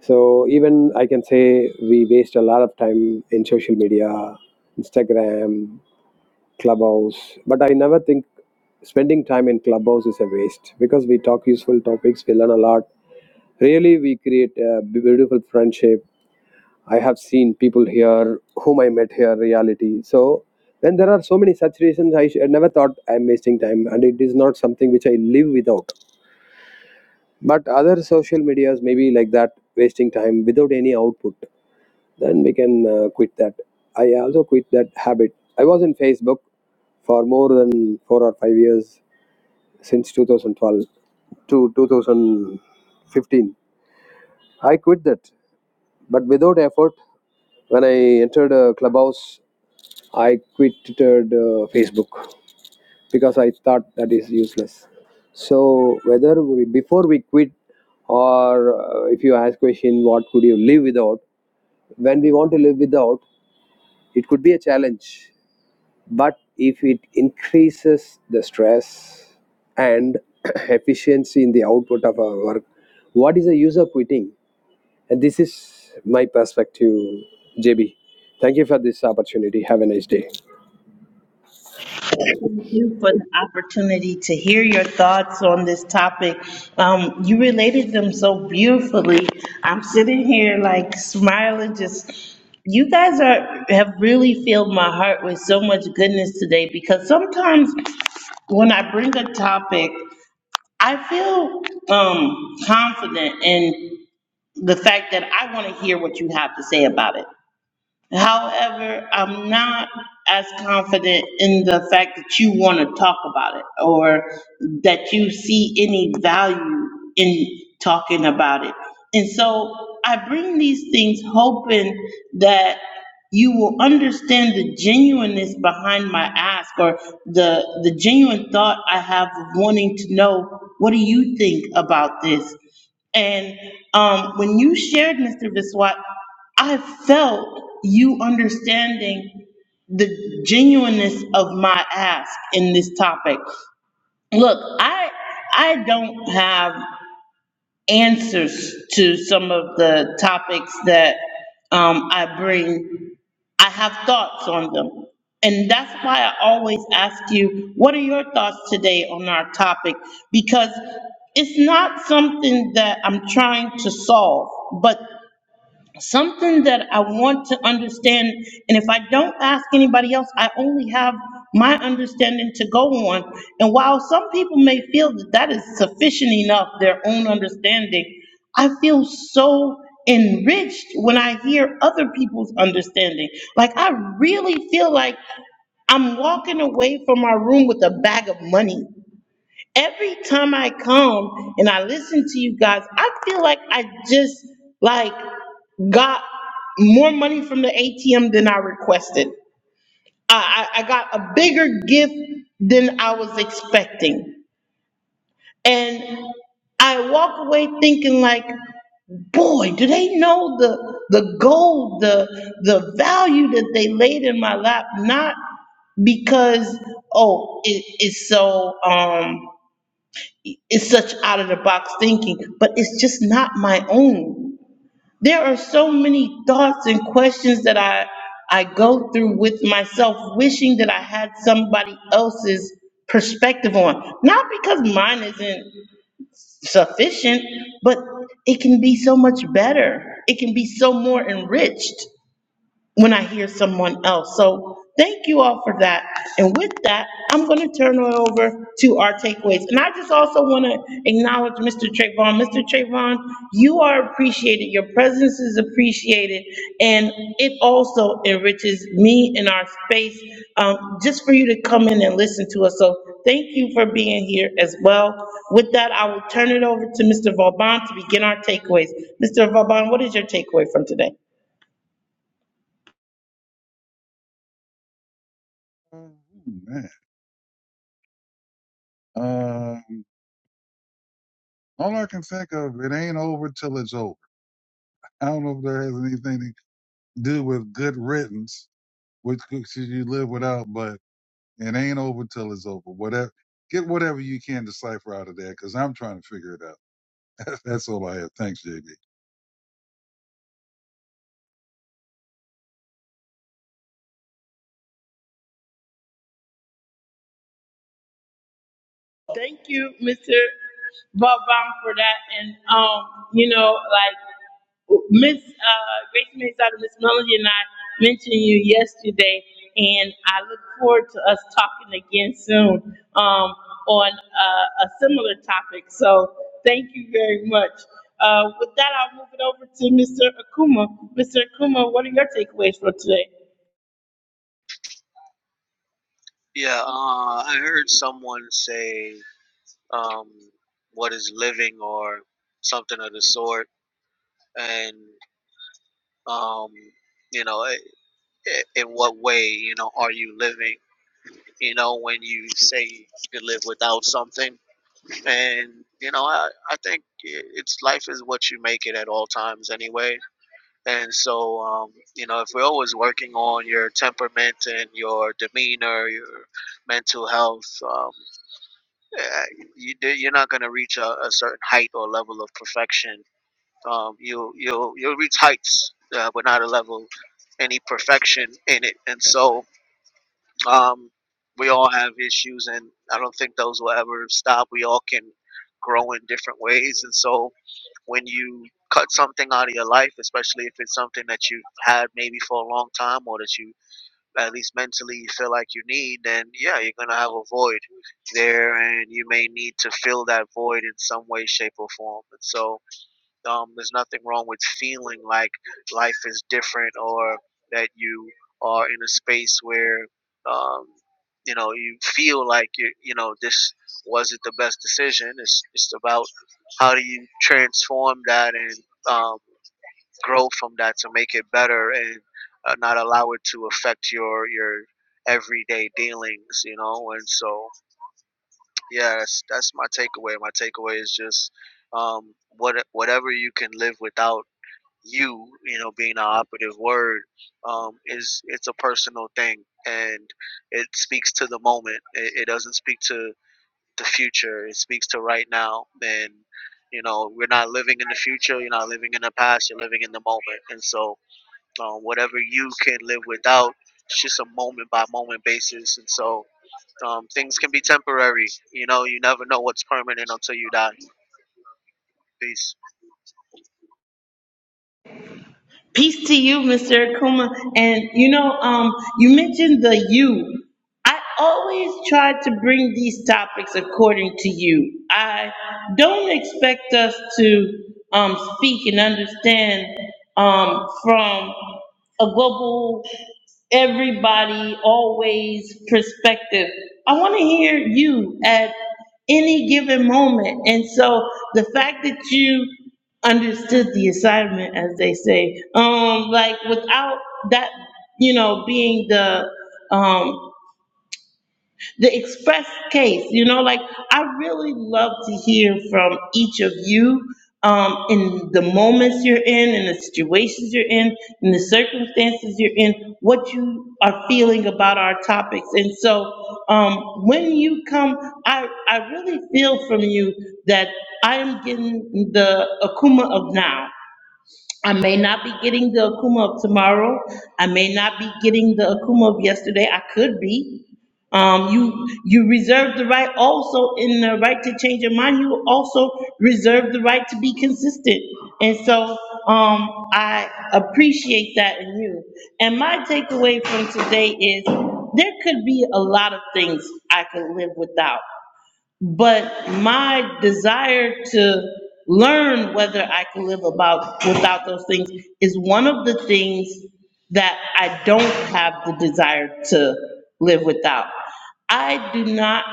so even i can say we waste a lot of time in social media instagram Clubhouse. But I never think spending time in Clubhouse is a waste because we talk useful topics, we learn a lot. Really, we create a beautiful friendship. I have seen people here whom I met here, reality. So, when there are so many such reasons, I, sh- I never thought I'm wasting time, and it is not something which I live without. But other social medias may be like that, wasting time without any output then we can uh, quit that. I also quit that habit. I was in Facebook for more than four or five years since 2012 to 2015. I quit that, but without effort. When I entered uh, Clubhouse, I quitted uh, Facebook because I thought that is useless. So whether we, before we quit, or uh, if you ask question, what could you live without? When we want to live without, it could be a challenge But if it increases the stress and efficiency in the output of our work, what is the use of quitting? And this is my perspective, JB. Thank you for this opportunity. Have a nice day.
Thank you for the opportunity to hear your thoughts on this topic. Um, you related them so beautifully. I'm sitting here like smiling, just, you guys are, have really filled my heart with so much goodness today because sometimes when I bring a topic, I feel um, confident in the fact that I want to hear what you have to say about it. However, I'm not as confident in the fact that you want to talk about it or that you see any value in talking about it. And so I bring these things hoping that you will understand the genuineness behind my ask or the, the genuine thought I have of wanting to know, what do you think about this? And um, when you shared, Mr. Viswat. I felt you understanding the genuineness of my ask in this topic. Look, I I don't have answers to some of the topics that um, I bring. I have thoughts on them. And that's why I always ask you, what are your thoughts today on our topic? Because it's not something that I'm trying to solve, but something that I want to understand, and if I don't ask anybody else, I only have my understanding to go on. And while some people may feel that that is sufficient enough, their own understanding, I feel so enriched when I hear other people's understanding. Like, I really feel like I'm walking away from my room with a bag of money every time I come and I listen to you guys, I feel like I just like got more money from the ATM than I requested. I, I, I got a bigger gift than I was expecting. And I walk away thinking like, boy, do they know the, the gold, the, the value that they laid in my lap, not because, oh, it, it's so, um, it's such out of the box thinking, but it's just not my own. There are so many thoughts and questions that I, I go through with myself, wishing that I had somebody else's perspective on. Not because mine isn't sufficient, but it can be so much better. It can be so more enriched when I hear someone else. So thank you all for that. And with that, I'm going to turn it over to our takeaways. And I just also want to acknowledge Mr. Trayvon. Mr. Trayvon, you are appreciated. Your presence is appreciated. And it also enriches me in our space um, just for you to come in and listen to us. So thank you for being here as well. With that, I will turn it over to Mr. Vauban to begin our takeaways. Mr. Vauban, what is your takeaway from today?
Oh, man. Uh, all I can think of, it ain't over till it's over. I don't know if there has anything to do with good riddance, which cooks you live without, but it ain't over till it's over. Whatever, get whatever you can decipher out of that, because I'm trying to figure it out. That's all I have. Thanks, JB.
Thank you, Mr. Bobam, for that. And um, you know, like Miss uh, Grace Mays out of Miss Melody and I mentioned you yesterday, and I look forward to us talking again soon um, on uh, a similar topic. So thank you very much. Uh, with that, I'll move it over to Mr. Akuma. Mr. Akuma, what are your takeaways for today?
yeah uh, i heard someone say um, what is living or something of the sort and um, you know i- i- in what way you know are you living you know, when you say you could live without something. And, you know, I, I think it's life is what you make it at all times anyway. And so, um, you know, if we're always working on your temperament and your demeanor, your mental health, um, eh, you, you're not going to reach a, a certain height or level of perfection. Um, you you'll, you'll reach heights, uh, but not a level, any perfection in it. And so, um, we all have issues, and I don't think those will ever stop. We all can grow in different ways, and so when you cut something out of your life, especially if it's something that you've had maybe for a long time or that you at least mentally you feel like you need, then yeah, you're gonna have a void there, and you may need to fill that void in some way, shape, or form. And so um, there's nothing wrong with feeling like life is different or that you are in a space where um, you know you feel like you you know this wasn't the best decision. It's it's about how do you transform that and um, grow from that to make it better and uh, not allow it to affect your your everyday dealings. You know, and so yeah, that's that's my takeaway. My takeaway is just um, what whatever you can live without you, you know, being the operative word, um, is it's a personal thing and it speaks to the moment. It, it doesn't speak to the future. It speaks to right now. And you know, we're not living in the future. You're not living in the past. You're living in the moment. And so, um, whatever you can live without, it's just a moment by moment basis. And so, um, things can be temporary. You know, you never know what's permanent until you die. Peace.
Peace to you, Mr. Akuma. And you know, um, you mentioned the you. I always try to bring these topics according to you. I don't expect us to um, speak and understand um, from a global, everybody, always perspective. I want to hear you at any given moment. And so the fact that you understood the assignment, as they say, um, like without that, you know, being the, um, the express case, you know, like I really love to hear from each of you um, in the moments you're in, in the situations you're in, in the circumstances you're in, what you are feeling about our topics. And so um, when you come, I, I really feel from you that I am getting the Akuma of now. I may not be getting the Akuma of tomorrow. I may not be getting the Akuma of yesterday. I could be. Um, you, you reserve the right also in the right to change your mind. You also reserve the right to be consistent. And so, um, I appreciate that in you. And my takeaway from today is there could be a lot of things I could live without but my desire to learn whether I can live about without those things is one of the things that I don't have the desire to live without. I do not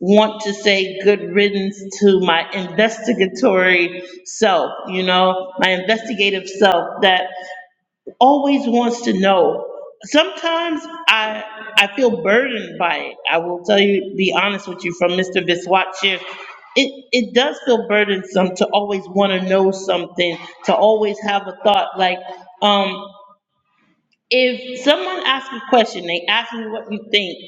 want to say good riddance to my investigatory self, you know, my investigative self that always wants to know. Sometimes I, I feel burdened by it. I will tell you, be honest with you, from Mr. Viswat's share, it, it does feel burdensome to always want to know something, to always have a thought. Like, um, if someone asks a question, they ask me what you think,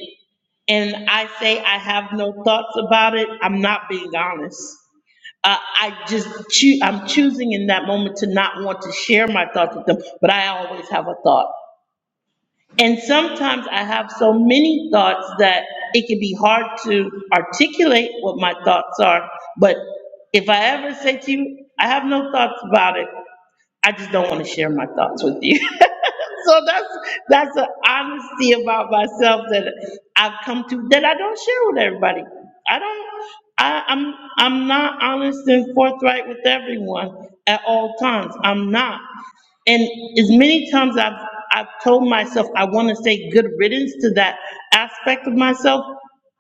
and I say I have no thoughts about it, I'm not being honest. Uh, I just choo, I'm choosing in that moment to not want to share my thoughts with them, but I always have a thought. And sometimes I have so many thoughts that it can be hard to articulate what my thoughts are. But if I ever say to you, I have no thoughts about it, I just don't want to share my thoughts with you. so that's that's the honesty about myself that I've come to that I don't share with everybody. I don't. I, I'm I'm not honest and forthright with everyone at all times. I'm not. And as many times I've I've told myself I want to say good riddance to that aspect of myself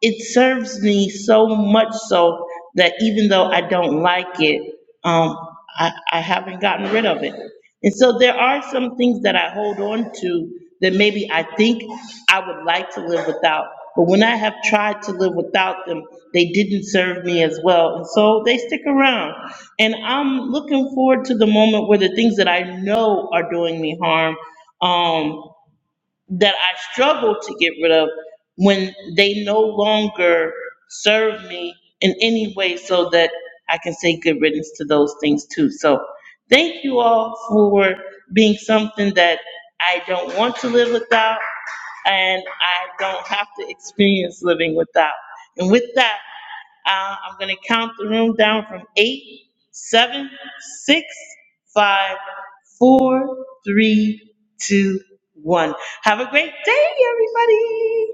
it serves me so much so that even though I don't like it, um, I, I haven't gotten rid of it. And so there are some things that I hold on to that maybe I think I would like to live without. But when I have tried to live without them, they didn't serve me as well. And so they stick around. And I'm looking forward to the moment where the things that I know are doing me harm, um, that I struggle to get rid of when they no longer serve me in any way so that I can say good riddance to those things too. So thank you all for being something that I don't want to live without and I don't have to experience living without. And with that, uh, I'm gonna count the room down from eight, seven, six, five, four, three, two, one. Have a great day, everybody.